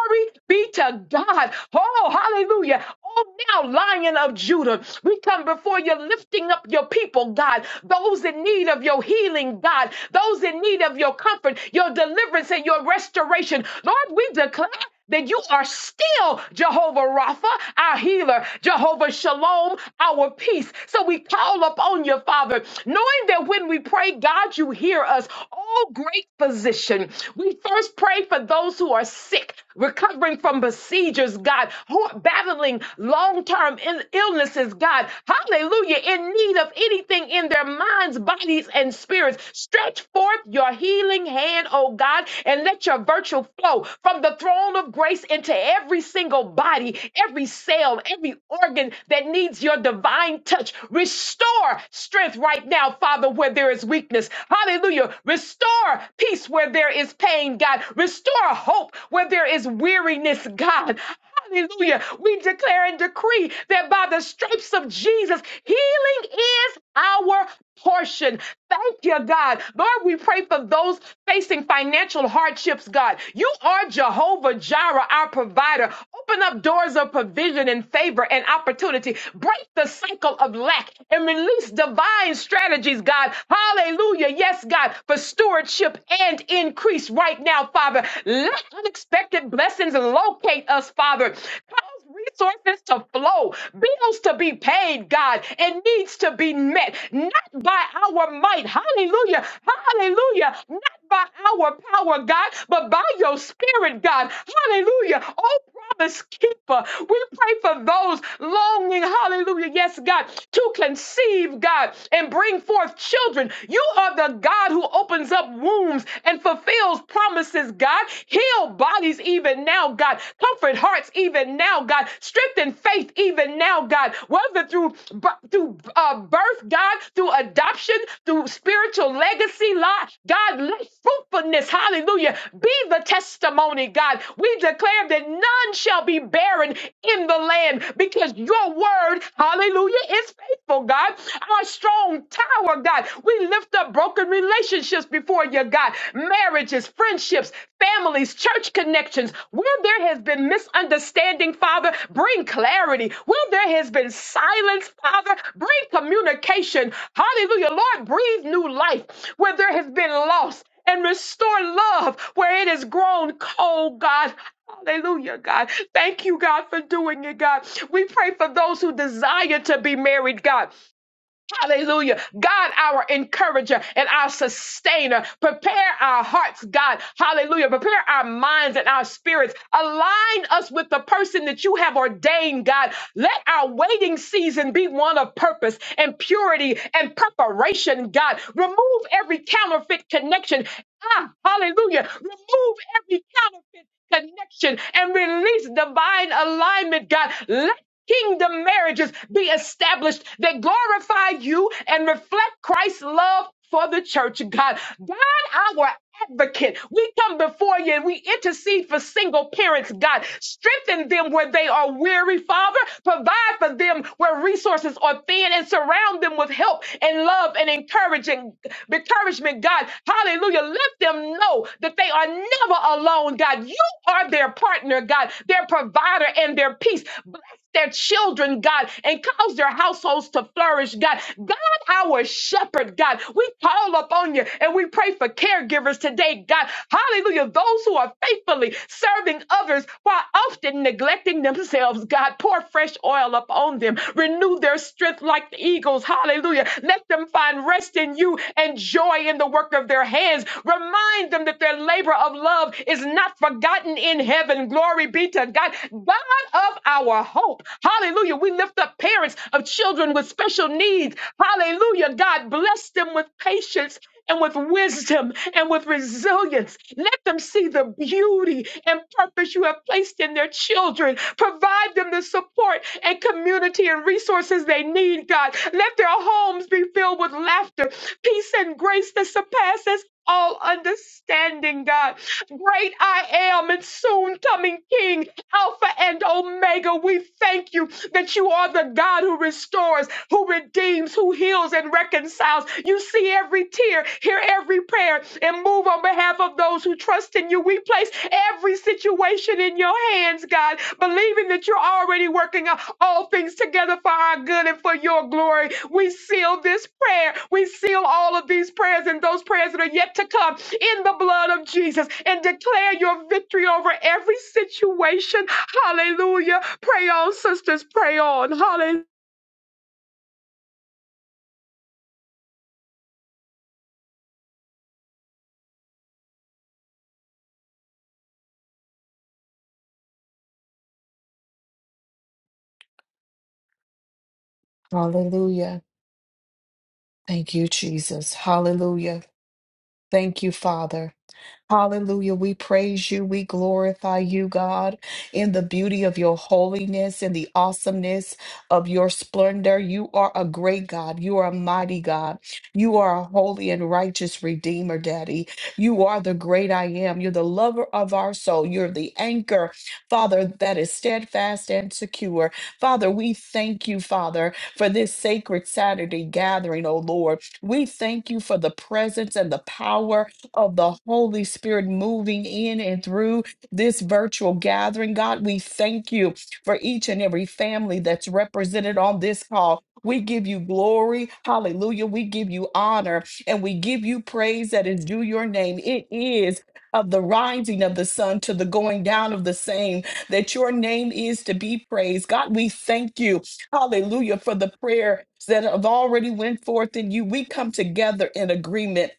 Speaker 6: be to God. Oh, hallelujah. Oh, now, Lion of Judah, we come before you lifting up your people, God, those in need of your healing, God, those in need of your comfort, your deliverance, and your restoration. Lord, we declare that you are still Jehovah Rapha, our healer, Jehovah Shalom, our peace. So we call upon you, Father, knowing that when we pray, God, you hear us. Oh, great physician. We first pray for those who are sick, recovering from besiegers, God, who are battling long term illnesses, God. Hallelujah. In need of anything in their minds, bodies, and spirits. Stretch forth your healing healing hand, oh God, and let your virtue flow from the throne of grace into every single body, every cell, every organ that needs your divine touch. Restore strength right now, Father, where there is weakness. Hallelujah. Restore peace where there is pain, God. Restore hope where there is weariness, God. Hallelujah. We declare and decree that by the stripes of Jesus, healing is our portion. Thank you, God. Lord, we pray for those facing financial hardships, God. You are Jehovah Jireh, our provider. Open up doors of provision and favor and opportunity. Break the cycle of lack and release divine strategies, God. Hallelujah. Yes, God, for stewardship and increase right now, Father. Let Unexpected blessings locate us, Father. Cause resources to flow, bills to be paid, God, and needs to be met, not by our might. Hallelujah. Hallelujah. Not by our power, God, but by your spirit, God. Hallelujah. Oh, promise keeper. We pray for those longing, hallelujah, yes, God, to conceive, God, and bring forth children. You are the God who opens up wombs and fulfills promises, God. Heal bodies even now, God. Comfort hearts even now, God. Strengthen faith even now, God. Whether through through uh, birth, God, through adoption, through spiritual legacy, Lord, God, let fruitfulness, hallelujah, be the testimony, God. We declare that none shall be barren in the land because your word, hallelujah, is faithful, God. Our strong tower, God. We lift up broken relationships before you, God. Marriages, friendships, families, church connections. Where there has been misunderstanding, Father, bring clarity. Where there has been silence, Father, bring communication. Hallelujah. Lord, breathe new life. Where there has been loss and restore love where it has grown cold, God. Hallelujah, God. Thank you, God, for doing it, God. We pray for those who desire to be married, God. Hallelujah. God, our encourager and our sustainer. Prepare our hearts, God. Hallelujah. Prepare our minds and our spirits. Align us with the person that you have ordained, God. Let our waiting season be one of purpose and purity and preparation, God. Remove every counterfeit connection. Ah, hallelujah. Remove every counterfeit connection and release divine alignment, God. Let kingdom marriages be established that glorify you and reflect Christ's love for the church, God. God, our advocate, we come before you and we intercede for single parents, God. Strengthen them where they are weary, Father. Provide for them where resources are thin and surround them with help and love and encouraging encouragement, God. Hallelujah. Let them know that they are never alone, God. You are their partner, God, their provider and their peace Bless their children, God, and cause their households to flourish, God. God, our shepherd, God, we call upon you and we pray for caregivers today, God. Hallelujah. Those who are faithfully serving others while often neglecting themselves, God, pour fresh oil upon them. Renew their strength like the eagles. Hallelujah. Let them find rest in you and joy in the work of their hands. Remind them that their labor of love is not forgotten in heaven. Glory be to God. God of our hope. Hallelujah. We lift up parents of children with special needs. Hallelujah. God bless them with patience and with wisdom and with resilience. Let them see the beauty and purpose you have placed in their children. Provide them the support and community and resources they need, God. Let their homes be filled with laughter, peace, and grace that surpasses all understanding, God. Great I am and soon coming King, Alpha and Omega. We thank you that you are the God who restores, who redeems, who heals and reconciles. You see every tear, hear every prayer, and move on behalf of those who trust in you. We place every situation it in your hands, God, believing that you're already working out all things together for our good and for your glory. We seal this prayer. We seal all of these prayers and those prayers that are yet to come in the blood of Jesus and declare your victory over every situation. Hallelujah. Pray on, sisters. Pray on. Hallelujah.
Speaker 1: Hallelujah. Thank you, Jesus. Hallelujah. Thank you, Father. Hallelujah. We praise you. We glorify you, God, in the beauty of your holiness and the awesomeness of your splendor. You are a great God. You are a mighty God. You are a holy and righteous Redeemer, Daddy. You are the great I am. You're the lover of our soul. You're the anchor, Father, that is steadfast and secure. Father, we thank you, Father, for this sacred Saturday gathering, oh Lord. We thank you for the presence and the power of the Holy Spirit moving in and through this virtual gathering. God, we thank you for each and every family that's represented on this call. We give you glory. Hallelujah. We give you honor and we give you praise that is due your name. It is of the rising of the sun to the going down of the same, that your name is to be praised. God, we thank you. Hallelujah for the prayers that have already went forth in you. We come together in agreement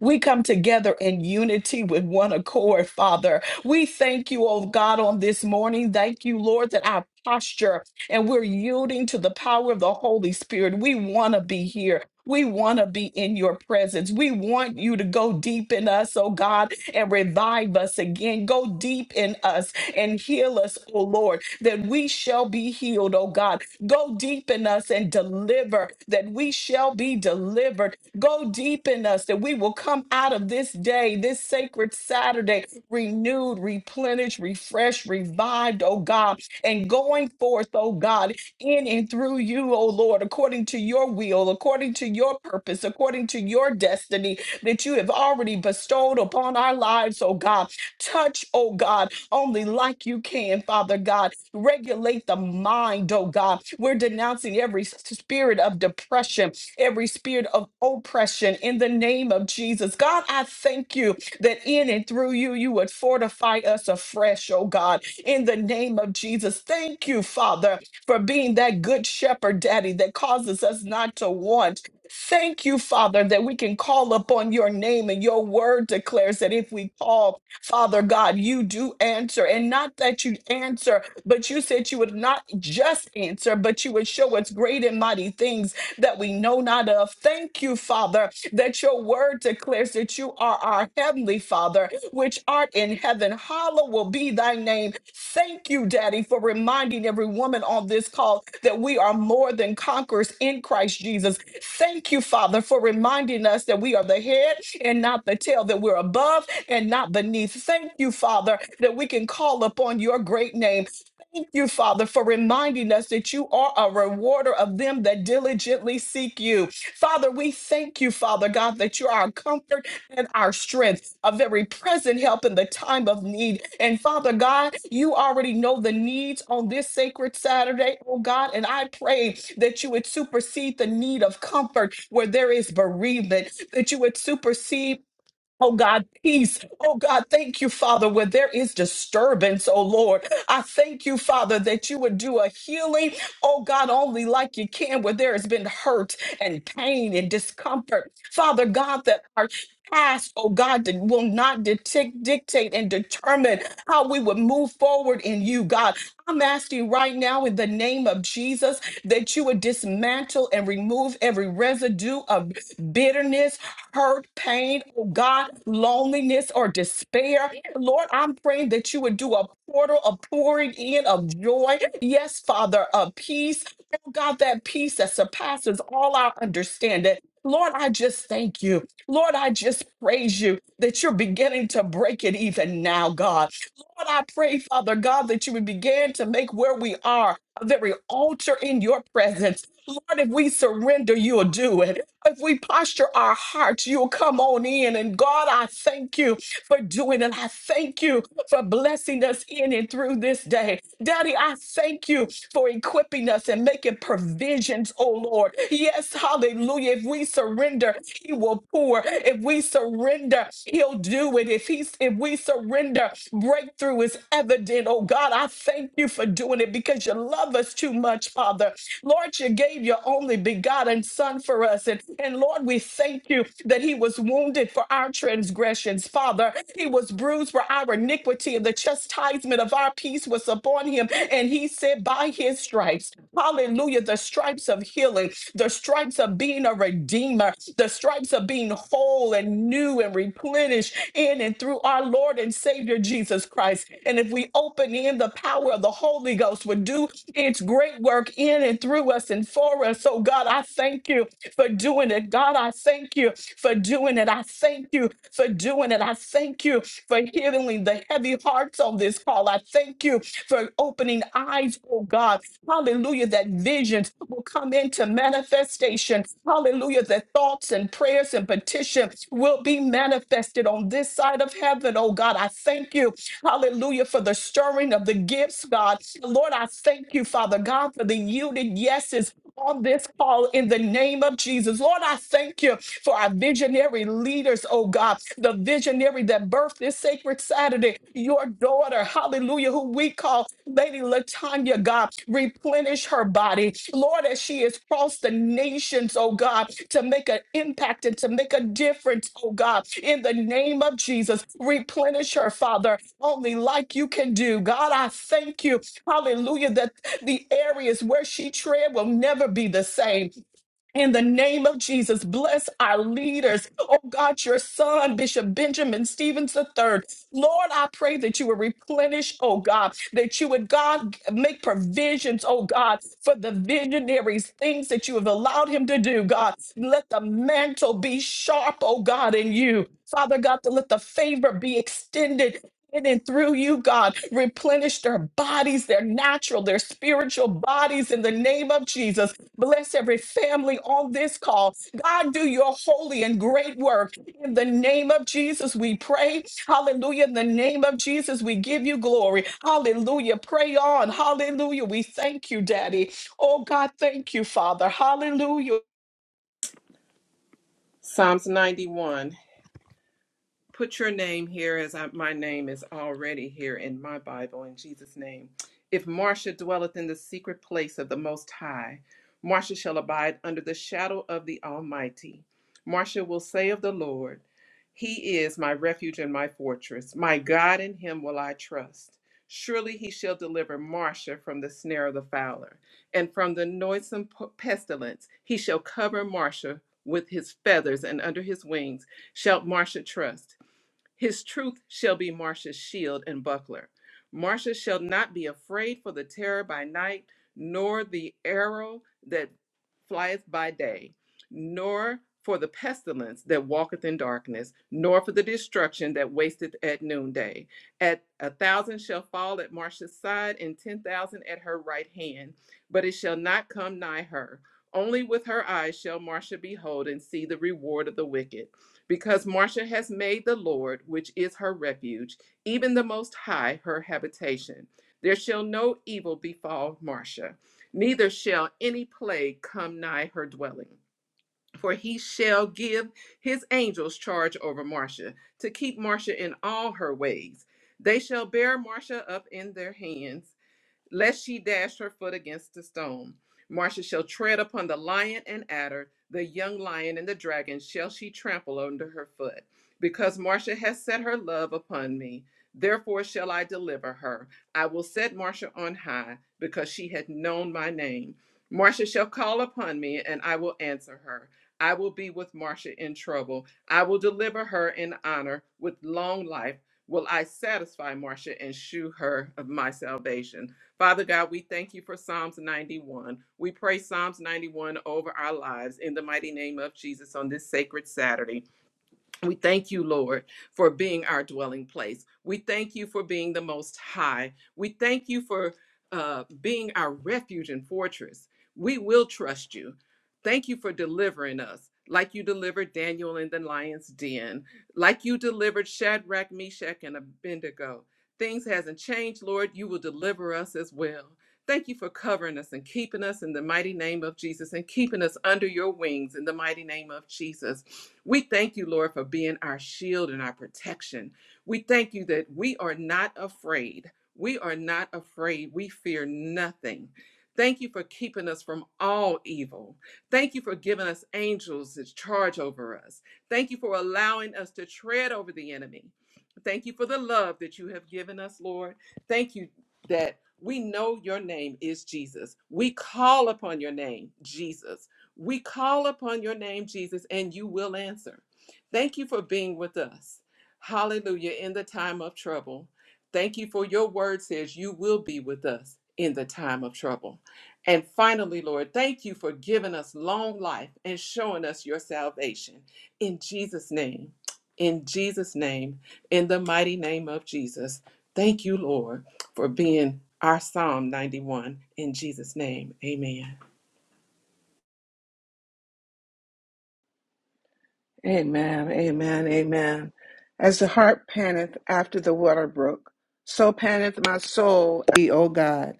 Speaker 1: we come together in unity with one accord, Father. We thank you, oh God, on this morning. Thank you, Lord, that our posture and we're yielding to the power of the Holy Spirit. We want to be here. We want to be in your presence. We want you to go deep in us, oh God, and revive us again. Go deep in us and heal us, oh Lord that we shall be healed, oh God. Go deep in us and deliver, that we shall be delivered. Go deep in us, that we will come out of this day, this sacred Saturday, renewed, replenished, refreshed, revived, oh God, and going forth, oh God, in and through you, oh Lord, according to your will, according to your purpose, according to your destiny that you have already bestowed upon our lives, oh God. Touch, oh God only like you can, Father God. Regulate the mind, oh God. We're denouncing every s- spirit of depression, every spirit of oppression in the name of Jesus. God, I thank you that in and through you, you would fortify us afresh, oh God, in the name of Jesus. Thank you, Father, for being that good shepherd, Daddy, that causes us not to want. Thank you, Father, that we can call upon your name and your word declares that if we call, Father God, you do answer, and not that you answer, but you said you would not just answer, but you would show us great and mighty things that we know not of. Thank you, Father, that your word declares that you are our heavenly Father, which art in heaven. Hallowed will be thy name. Thank you, Daddy, for reminding every woman on this call that we are more than conquerors in Christ Jesus. Thank you, Father, for reminding us that we are the head and not the tail, that we're above and not beneath. Thank you, Father, that we can call upon your great name. Thank you, Father, for reminding us that you are a rewarder of them that diligently seek you. Father, we thank you, Father God, that you are our comfort and our strength, a very present help in the time of need. And Father God, you already know the needs on this sacred Saturday, oh God. And I pray that you would supersede the need of comfort where there is bereavement, that you would supersede Oh God, peace. Oh God, thank you, Father, where there is disturbance, oh Lord. I thank you, Father, that you would do a healing, oh God, only like you can, where there has been hurt and pain and discomfort. Father God, that our past, oh God, that will not dictate, dictate and determine how we would move forward in you, God. I'm asking right now in the name of Jesus that you would dismantle and remove every residue of bitterness, hurt, pain, God, loneliness or despair. Lord, I'm praying that you would do a portal of pouring in of joy. Yes, Father, of peace. Oh God, that peace that surpasses all our understanding. Lord, I just thank you. Lord, I just praise you that you're beginning to break it even now, God. Lord, I pray, Father God, that you would begin where we are, very altar in your presence if we surrender, you'll do it. If we posture our hearts, you'll come on in. And God, I thank you for doing it. I thank you for blessing us in and through this day. Daddy, I thank you for equipping us and making provisions, oh Lord. Yes, hallelujah. If we surrender, he will pour. If we surrender, he'll do it. If he if we surrender, breakthrough is evident. Oh God, I thank you for doing it because you love us too much, Father. Lord, you gave your only begotten Son for us. And, and Lord, we thank you that he was wounded for our transgressions, Father. He was bruised for our iniquity, and the chastisement of our peace was upon him. And he said, By his stripes, hallelujah, the stripes of healing, the stripes of being a redeemer, the stripes of being whole and new and replenished in and through our Lord and Savior Jesus Christ. And if we open in, the power of the Holy Ghost would do it's great work in and through us and for us. So, God, I thank you for doing it. God, I thank you for doing it. I thank you for doing it. I thank you for healing the heavy hearts on this call. I thank you for opening eyes, oh God. Hallelujah, that visions will come into manifestation. Hallelujah, that thoughts and prayers and petitions will be manifested on this side of heaven, oh God. I thank you Hallelujah for the stirring of the gifts, God. Lord, I thank you, Father God, for the yielded yeses on this call in the name of Jesus. Lord, I thank you for our visionary leaders, oh God, the visionary that birthed this sacred Saturday, your daughter, hallelujah, who we call Lady Latanya, God, replenish her body. Lord, as she has crossed the nations, oh God, to make an impact and to make a difference, oh God, in the name of Jesus, replenish her, Father only like you can do. God, I thank you. Hallelujah. That the areas where she tread will never be the same. In the name of Jesus, bless our leaders. Oh God, your son, Bishop Benjamin Stevens III. Lord, I pray that you would replenish, oh God, that you would, God, make provisions, oh God, for the visionaries, things that you have allowed him to do, God. Let the mantle be sharp, oh God, in you. Father God, to let the favor be extended. In and through you, God, replenish their bodies, their natural, their spiritual bodies in the name of Jesus. Bless every family on this call. God, do your holy and great work. In the name of Jesus, we pray. Hallelujah. In the name of Jesus, we give you glory. Hallelujah. Pray on. Hallelujah. We thank you, Daddy. Oh, God, thank you, Father. Hallelujah.
Speaker 7: Psalms 91 put your name here as I, my name is already here in my Bible in Jesus' name. If Marcia dwelleth in the secret place of the Most High, Marcia shall abide under the shadow of the Almighty. Marcia will say of the Lord, He is my refuge and my fortress. My God, in Him will I trust. Surely He shall deliver Marcia from the snare of the fowler and from the noisome pestilence. He shall cover Marcia with His feathers, and under His wings shall Marcia trust. His truth shall be Marsha's shield and buckler. Marsha shall not be afraid for the terror by night, nor the arrow that flieth by day, nor for the pestilence that walketh in darkness, nor for the destruction that wasteth at noonday. At a thousand shall fall at Marsha's side, and ten thousand at her right hand, but it shall not come nigh her. Only with her eyes shall Marsha behold and see the reward of the wicked because Marcia has made the Lord, which is her refuge, even the Most High, her habitation. There shall no evil befall Marcia, neither shall any plague come nigh her dwelling. For he shall give his angels charge over Marcia, to keep Marcia in all her ways. They shall bear Marcia up in their hands lest she dash her foot against a stone. Marcia shall tread upon the lion and adder, the young lion and the dragon shall she trample under her foot. Because Marcia has set her love upon me, therefore shall I deliver her. I will set Marcia on high, because she hath known my name. Marcia shall call upon me, and I will answer her. I will be with Marcia in trouble. I will deliver her in honor with long life. Will I satisfy Marcia and shew her of my salvation? Father God, we thank you for Psalms 91. We pray Psalms 91 over our lives in the mighty name of Jesus on this sacred Saturday. We thank you, Lord, for being our dwelling place. We thank you for being the most high. We thank you for uh, being our refuge and fortress. We will trust you. Thank you for delivering us. Like you delivered Daniel in the lion's den, like you delivered Shadrach, Meshach, and Abednego. Things hasn't changed, Lord. You will deliver us as well. Thank you for covering us and keeping us in the mighty name of Jesus and keeping us under your wings in the mighty name of Jesus. We thank you, Lord, for being our shield and our protection. We thank you that we are not afraid. We are not afraid. We fear nothing. Thank you for keeping us from all evil. Thank you for giving us angels to charge over us. Thank you for allowing us to tread over the enemy. Thank you for the love that you have given us, Lord. Thank you that we know your name is Jesus. We call upon your name, Jesus. We call upon your name, Jesus, and you will answer. Thank you for being with us. Hallelujah. In the time of trouble. Thank you for your word says you will be with us in the time of trouble. And finally, Lord, thank you for giving us long life and showing us your salvation. In Jesus' name, in Jesus' name, in the mighty name of Jesus. Thank you, Lord for being our Psalm 91. In Jesus' name, amen.
Speaker 8: Amen, amen, amen. As the hart panteth after the water brook, so panteth my soul, after thee, O God.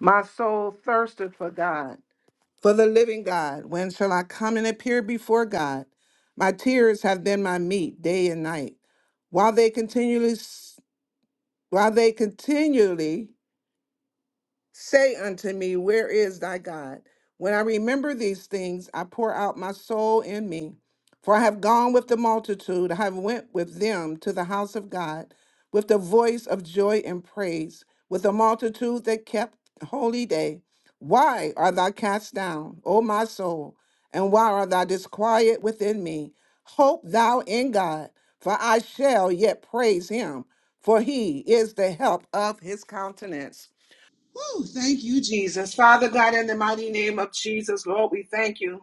Speaker 8: My soul thirsteth for God, for the living God. When shall I come and appear before God? My tears have been my meat day and night, while they continually, while they continually Say unto me, Where is thy God? When I remember these things, I pour out my soul in me. For I have gone with the multitude, I have went with them to the house of God, with the voice of joy and praise, with a multitude that kept holy day. Why art thou cast down, O my soul? And why art thou disquiet within me? Hope thou in God, for I shall yet praise him, for he is the help of his countenance. Woo! thank you, Jesus. Father God, in the mighty name of Jesus, Lord, we thank you.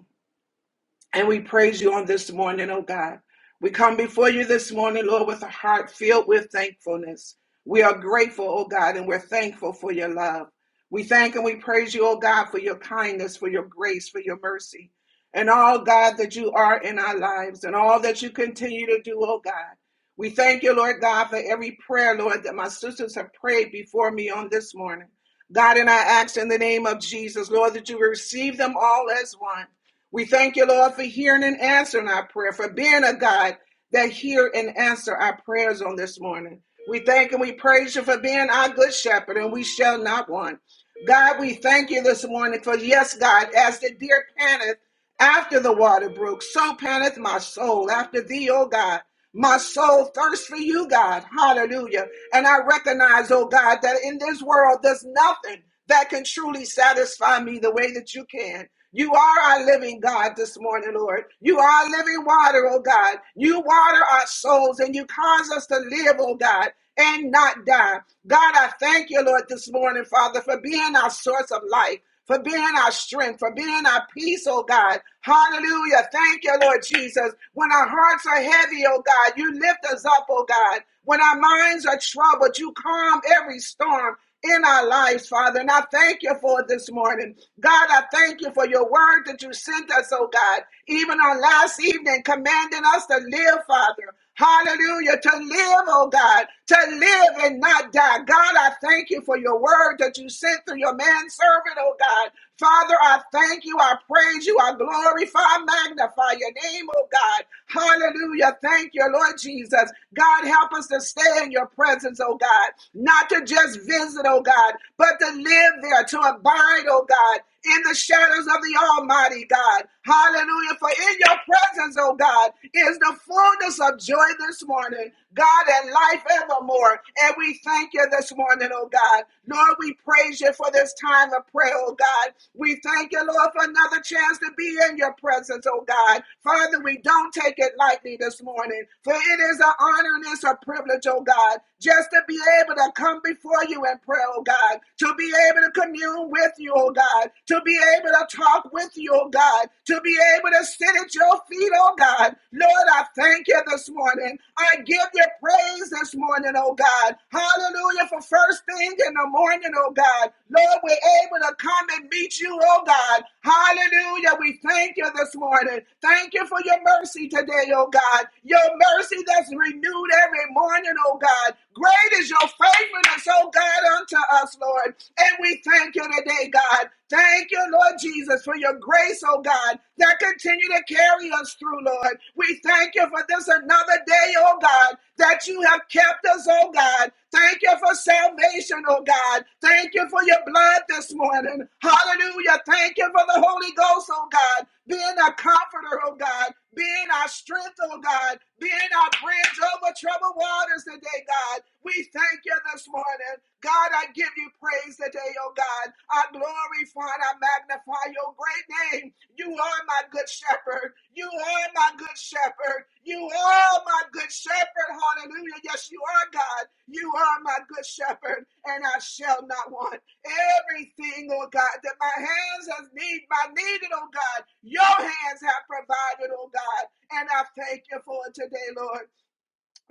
Speaker 8: And we praise you on this morning, oh God. We come before you this morning, Lord, with a heart filled with thankfulness. We are grateful, oh God, and we're thankful for your love. We thank and we praise you, oh God, for your kindness, for your grace, for your mercy, and all, God, that you are in our lives and all that you continue to do, oh God. We thank you, Lord God, for every prayer, Lord, that my sisters have prayed before me on this morning. God, and I ask in the name of Jesus, Lord, that you receive them all as one. We thank you, Lord, for hearing and answering our prayer, for being a God that hear and answer our prayers on this morning. We thank and we praise you for being our good shepherd, and we shall not want. God, we thank you this morning for, yes, God, as the deer panteth after the water brook, so panteth my soul after thee, O God. My soul thirsts for you, God. Hallelujah. And I recognize, oh God, that in this world there's nothing that can truly satisfy me the way that you can. You are our living God this morning, Lord. You are living water, oh God. You water our souls and you cause us to live, oh God, and not die. God, I thank you, Lord, this morning, Father, for being our source of life for being our strength, for being our peace, oh God. Hallelujah. Thank you, Lord Jesus. When our hearts are heavy, oh God, you lift us up, oh God. When our minds are troubled, you calm every storm in our lives, Father. And I thank you for it this morning. God, I thank you for your word that you sent us, oh God, even on last evening, commanding us to live, Father. Hallelujah. To live, oh God, to live and not die. God, I thank you for your word that you sent through your manservant, oh God. Father, I thank you. I praise you. I glorify, magnify your name, oh God. Hallelujah. Thank you, Lord Jesus. God, help us to stay in your presence, oh God, not to just visit, oh God, but to live there, to abide, oh God, in the shadows of the Almighty God. Hallelujah. For in your presence, oh God, is the fullness of joy this morning, God, and life evermore. And we thank you this morning, oh God. Lord, we we praise you for this time of prayer, oh God. We thank you, Lord, for another chance to be in your presence, oh God. Father, we don't take it lightly this morning, for it is an honor and it's a privilege, oh God, just to be able to come before you in prayer, oh God, to be able to commune with you, oh God, to be able to talk with you, oh God, to be able to sit at your feet, oh God. Lord, I thank you this morning. I give you praise this morning, oh God. Hallelujah for first thing in the morning, oh God. Lord, we're able to come and meet you, oh God. Hallelujah. We thank you this morning. Thank you for your mercy today, oh God. Your mercy that's renewed every morning, oh God. Great is your faithfulness, oh God, unto us, Lord. And we thank you today, God. Thank you, Lord Jesus, for your grace, oh God, that continue to carry us through, Lord. We thank you for this another day, oh God, that you have kept us, oh God. Thank you for salvation, oh God. Thank you for your blood this morning. Hallelujah. Thank you for the Holy Ghost, oh God, being our comforter, oh God, being our strength, oh God, being our bridge over troubled waters today, God. We thank you this morning. God, I give you praise today, oh God. I glorify and I magnify your great name. You are my good shepherd. You are my good shepherd. You are my good shepherd. Hallelujah. Yes, you are God. You are my good shepherd, and I shall not want everything, oh God, that my hands have need, my needed, oh God. Your hands have provided, oh God. And I thank you for it today, Lord.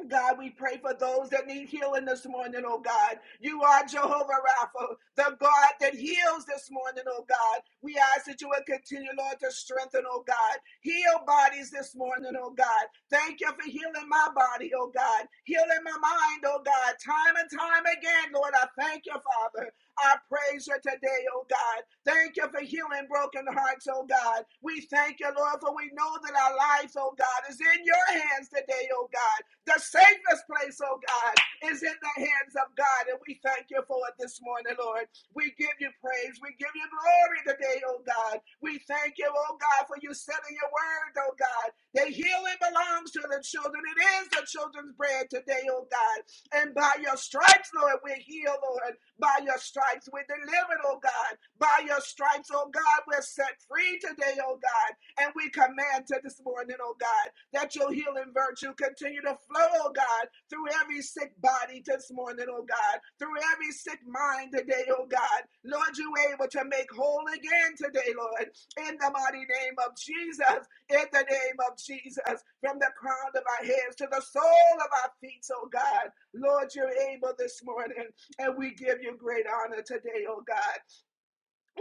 Speaker 8: God, we pray for those that need healing this morning, oh God. You are Jehovah Rapha, the God that heals this morning, oh God. We ask that you would continue, Lord, to strengthen, oh God. Heal bodies this morning, oh God. Thank you for healing my body, oh God. Healing my mind, oh God. Time and time again, Lord, I thank you, Father. I praise you today, oh God. Thank you for healing broken hearts, oh God. We thank you, Lord, for we know that our lives, oh God, is in your hands today, oh God. The safest place, oh God, is in the hands of God. And we thank you for it this morning, Lord. We give you praise. We give you glory today, oh God. We thank you, oh God, for you setting your word, oh God. The healing belongs to the children. It is the children's bread today, oh God. And by your stripes, Lord, we're healed, Lord. By your stripes, we're delivered, oh God. By your stripes, oh God, we're set free today, oh God. And we command to this morning, oh God, that your healing virtue continue to flow, oh God, through every sick body this morning, oh God, through every sick mind today, oh God. Lord, you able to make whole again today, Lord, in the mighty name of Jesus, in the name of Jesus, from the crown of our heads to the sole of our feet, oh God. Lord, you're able this morning, and we give you great honor today, oh God.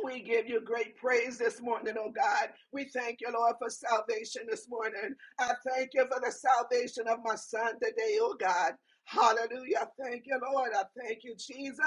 Speaker 8: We give you great praise this morning, oh God. We thank you, Lord, for salvation this morning. I thank you for the salvation of my son today, oh God. Hallelujah. Thank you, Lord. I thank you, Jesus.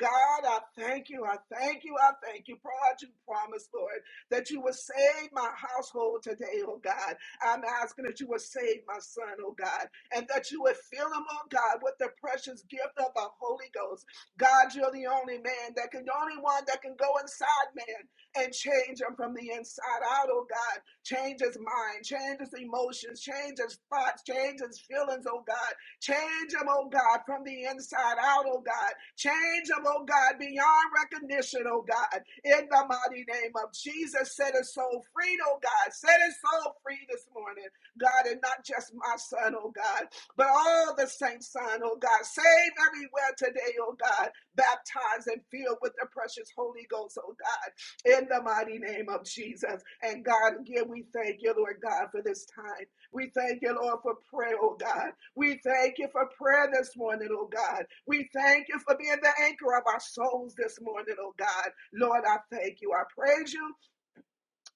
Speaker 8: God, I thank you. I thank you. I thank you. For what you promised, Lord, that you would save my household today, oh God. I'm asking that you would save my son, oh God, and that you would fill him, oh God, with the precious gift of the Holy Ghost. God, you're the only man that can, the only one that can go inside man and change him from the inside out, oh God. Change his mind, change his emotions, change his thoughts, change his feelings, oh God. Change him, oh God, from the inside out, oh God. Change him, oh God, beyond recognition, oh God. In the mighty name of Jesus, set his soul free, oh God. Set his soul free this morning, God, and not just my son, oh God but all the saints Son, oh God. Save everywhere today, oh God. Baptize and fill with the precious Holy Ghost, oh God, in the mighty name of Jesus. And God, again, we thank you, Lord God, for this time. We thank you, Lord, for prayer, oh God. We thank you for prayer this morning, oh God. We thank you for being the anchor of our souls this morning, oh God. Lord, I thank you. I praise you.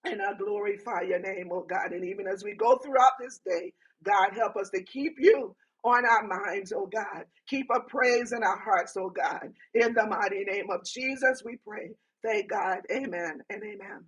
Speaker 8: And I glorify your name, oh God. And even as we go throughout this day, God, help us to keep you on our minds, oh God. Keep a praise in our hearts, oh God. In the mighty name of Jesus, we pray. Thank God. Amen and amen.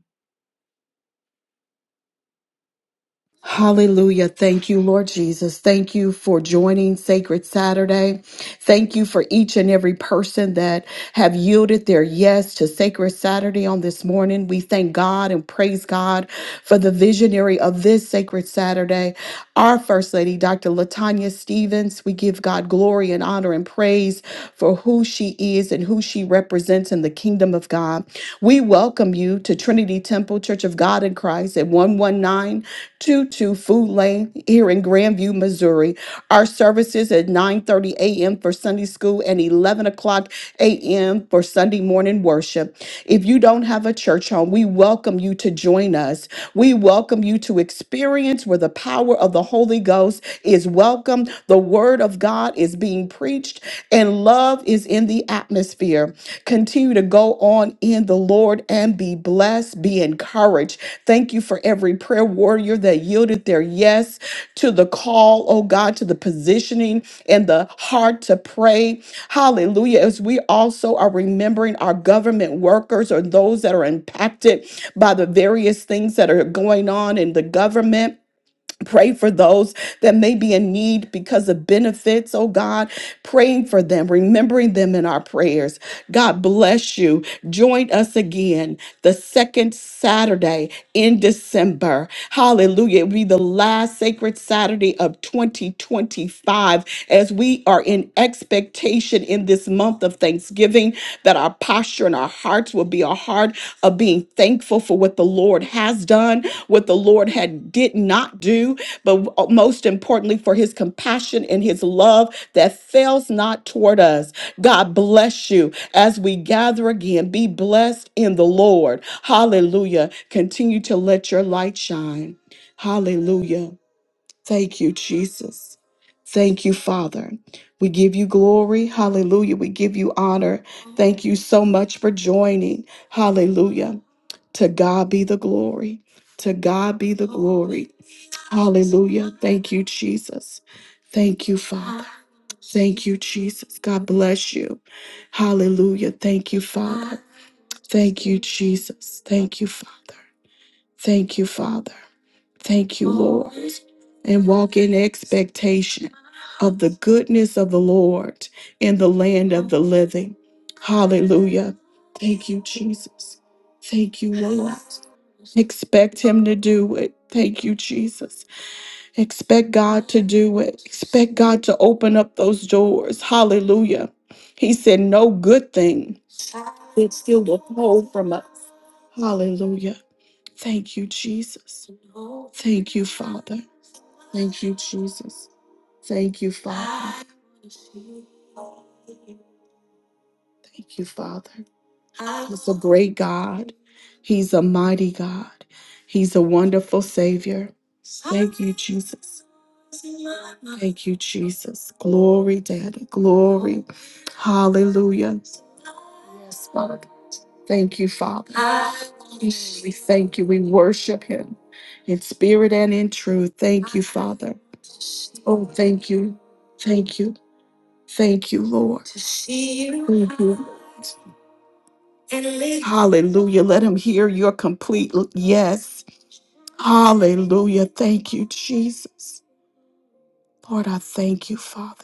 Speaker 1: Hallelujah. Thank you, Lord Jesus. Thank you for joining Sacred Saturday. Thank you for each and every person that have yielded their yes to Sacred Saturday on this morning. We thank God and praise God for the visionary of this Sacred Saturday, our First Lady, Dr. Latanya Stevens. We give God glory and honor and praise for who she is and who she represents in the kingdom of God. We welcome you to Trinity Temple Church of God in Christ at 119. Two Two Food Lane here in Grandview, Missouri. Our services at 9:30 a.m. for Sunday school and 11 o'clock a.m. for Sunday morning worship. If you don't have a church home, we welcome you to join us. We welcome you to experience where the power of the Holy Ghost is welcome, the word of God is being preached, and love is in the atmosphere. Continue to go on in the Lord and be blessed, be encouraged. Thank you for every prayer warrior that yielded their yes to the call, oh God, to the positioning and the heart to pray. Hallelujah. As we also are remembering our government workers or those that are impacted by the various things that are going on in the government. Pray for those that may be in need because of benefits, oh God. Praying for them, remembering them in our prayers. God bless you. Join us again the second Saturday in December. Hallelujah. It will be the last sacred Saturday of 2025 as we are in expectation in this month of Thanksgiving that our posture and our hearts will be a heart of being thankful for what the Lord has done, what the Lord had did not do, but most importantly for his compassion and his love that fails not toward us. God bless you as we gather again. Be blessed in the Lord. Hallelujah. Continue to let your light shine. Hallelujah. Thank you, Jesus. Thank you, Father. We give you glory. Hallelujah. We give you honor. Thank you so much for joining. Hallelujah. To God be the glory. To God be the glory. Hallelujah. Thank you, Jesus. Thank you, Father. Thank you, Jesus. God bless you. Hallelujah. Thank you, Father. Thank you, Jesus. Thank you, Father. Thank you, Father. Thank you, Lord. And walk in expectation of the goodness of the Lord in the land of the living. Hallelujah. Thank you, Jesus. Thank you, Lord. Expect Him to do it. Thank you, Jesus. Expect God to do it. Expect God to open up those doors. Hallelujah. He said, No good thing that still withhold from us. Hallelujah. Thank you, Jesus. Thank you, Father. Thank you, Jesus. Thank you, Father. Thank you, Father. He's a great God. He's a mighty God. He's a wonderful Savior. Thank you, Jesus. Thank you, Jesus. Glory, Daddy. Glory. Hallelujah. Yes, Father. Thank you, Father. We thank you. We worship Him in spirit and in truth. Thank you, Father. Oh, thank you. Thank you. Thank you, Lord. Thank you. Hallelujah. Let him hear your complete l- yes. Hallelujah. Thank you, Jesus. Lord, I thank you, Father.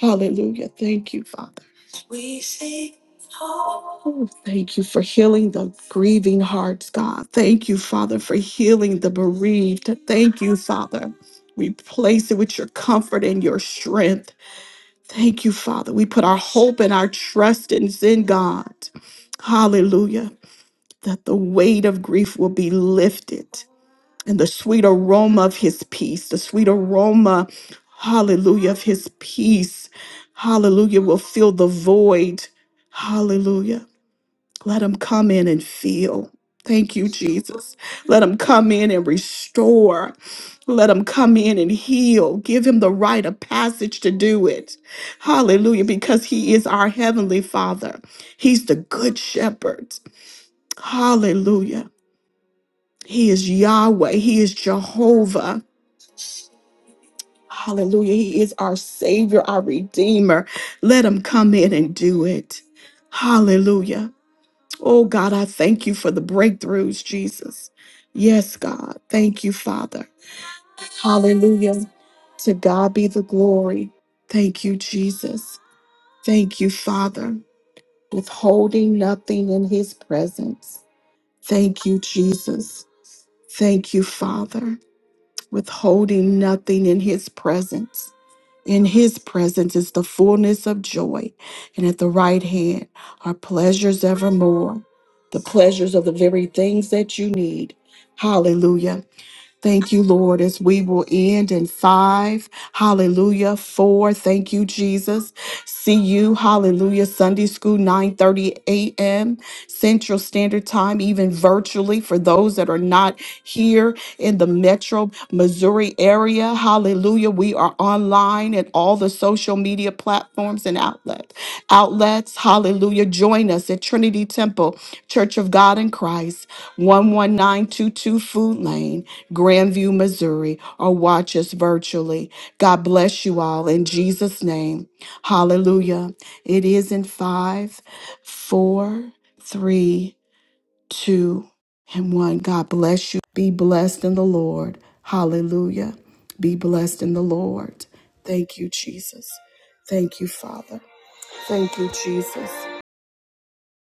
Speaker 1: Hallelujah. Thank you, Father. Oh, thank you for healing the grieving hearts, God. Thank you, Father, for healing the bereaved. Thank you, Father. Replace it with your comfort and your strength. Thank you, Father. We put our hope and our trust in in God. Hallelujah. That the weight of grief will be lifted. and the sweet aroma of his peace, the sweet aroma, hallelujah, of his peace, hallelujah, will fill the void. Hallelujah. Let him come in and fill. Thank you, Jesus. Let him come in and restore. Let him come in and heal. Give him the right of passage to do it. Hallelujah. Because he is our heavenly father. He's the good shepherd. Hallelujah. He is Yahweh. He is Jehovah. Hallelujah. He is our Savior, our Redeemer. Let him come in and do it. Hallelujah. Oh, God, I thank you for the breakthroughs, Jesus. Yes, God. Thank you, Father. Hallelujah. To God be the glory. Thank you, Jesus. Thank you, Father. Withholding nothing in his presence. Thank you, Jesus. Thank you, Father. Withholding nothing in his presence. In his presence is the fullness of joy, and at the right hand are pleasures evermore, the pleasures of the very things that you need. Hallelujah. Thank you, Lord, as we will end in five. Hallelujah. Four. Thank you, Jesus. See you. Hallelujah. Sunday school, 9 30 a.m. Central Standard Time, even virtually for those that are not here in the metro Missouri area. Hallelujah. We are online at all the social media platforms and outlets. Outlets. Hallelujah. Join us at Trinity Temple, Church of God in Christ, 11922 Food Lane. Grandview, Missouri, or watch us virtually. God bless you all in Jesus' name. Hallelujah. It is in five, four, three, two, and one. God bless you. Be blessed in the Lord. Hallelujah. Be blessed in the Lord. Thank you, Jesus. Thank you, Father. Thank you, Jesus.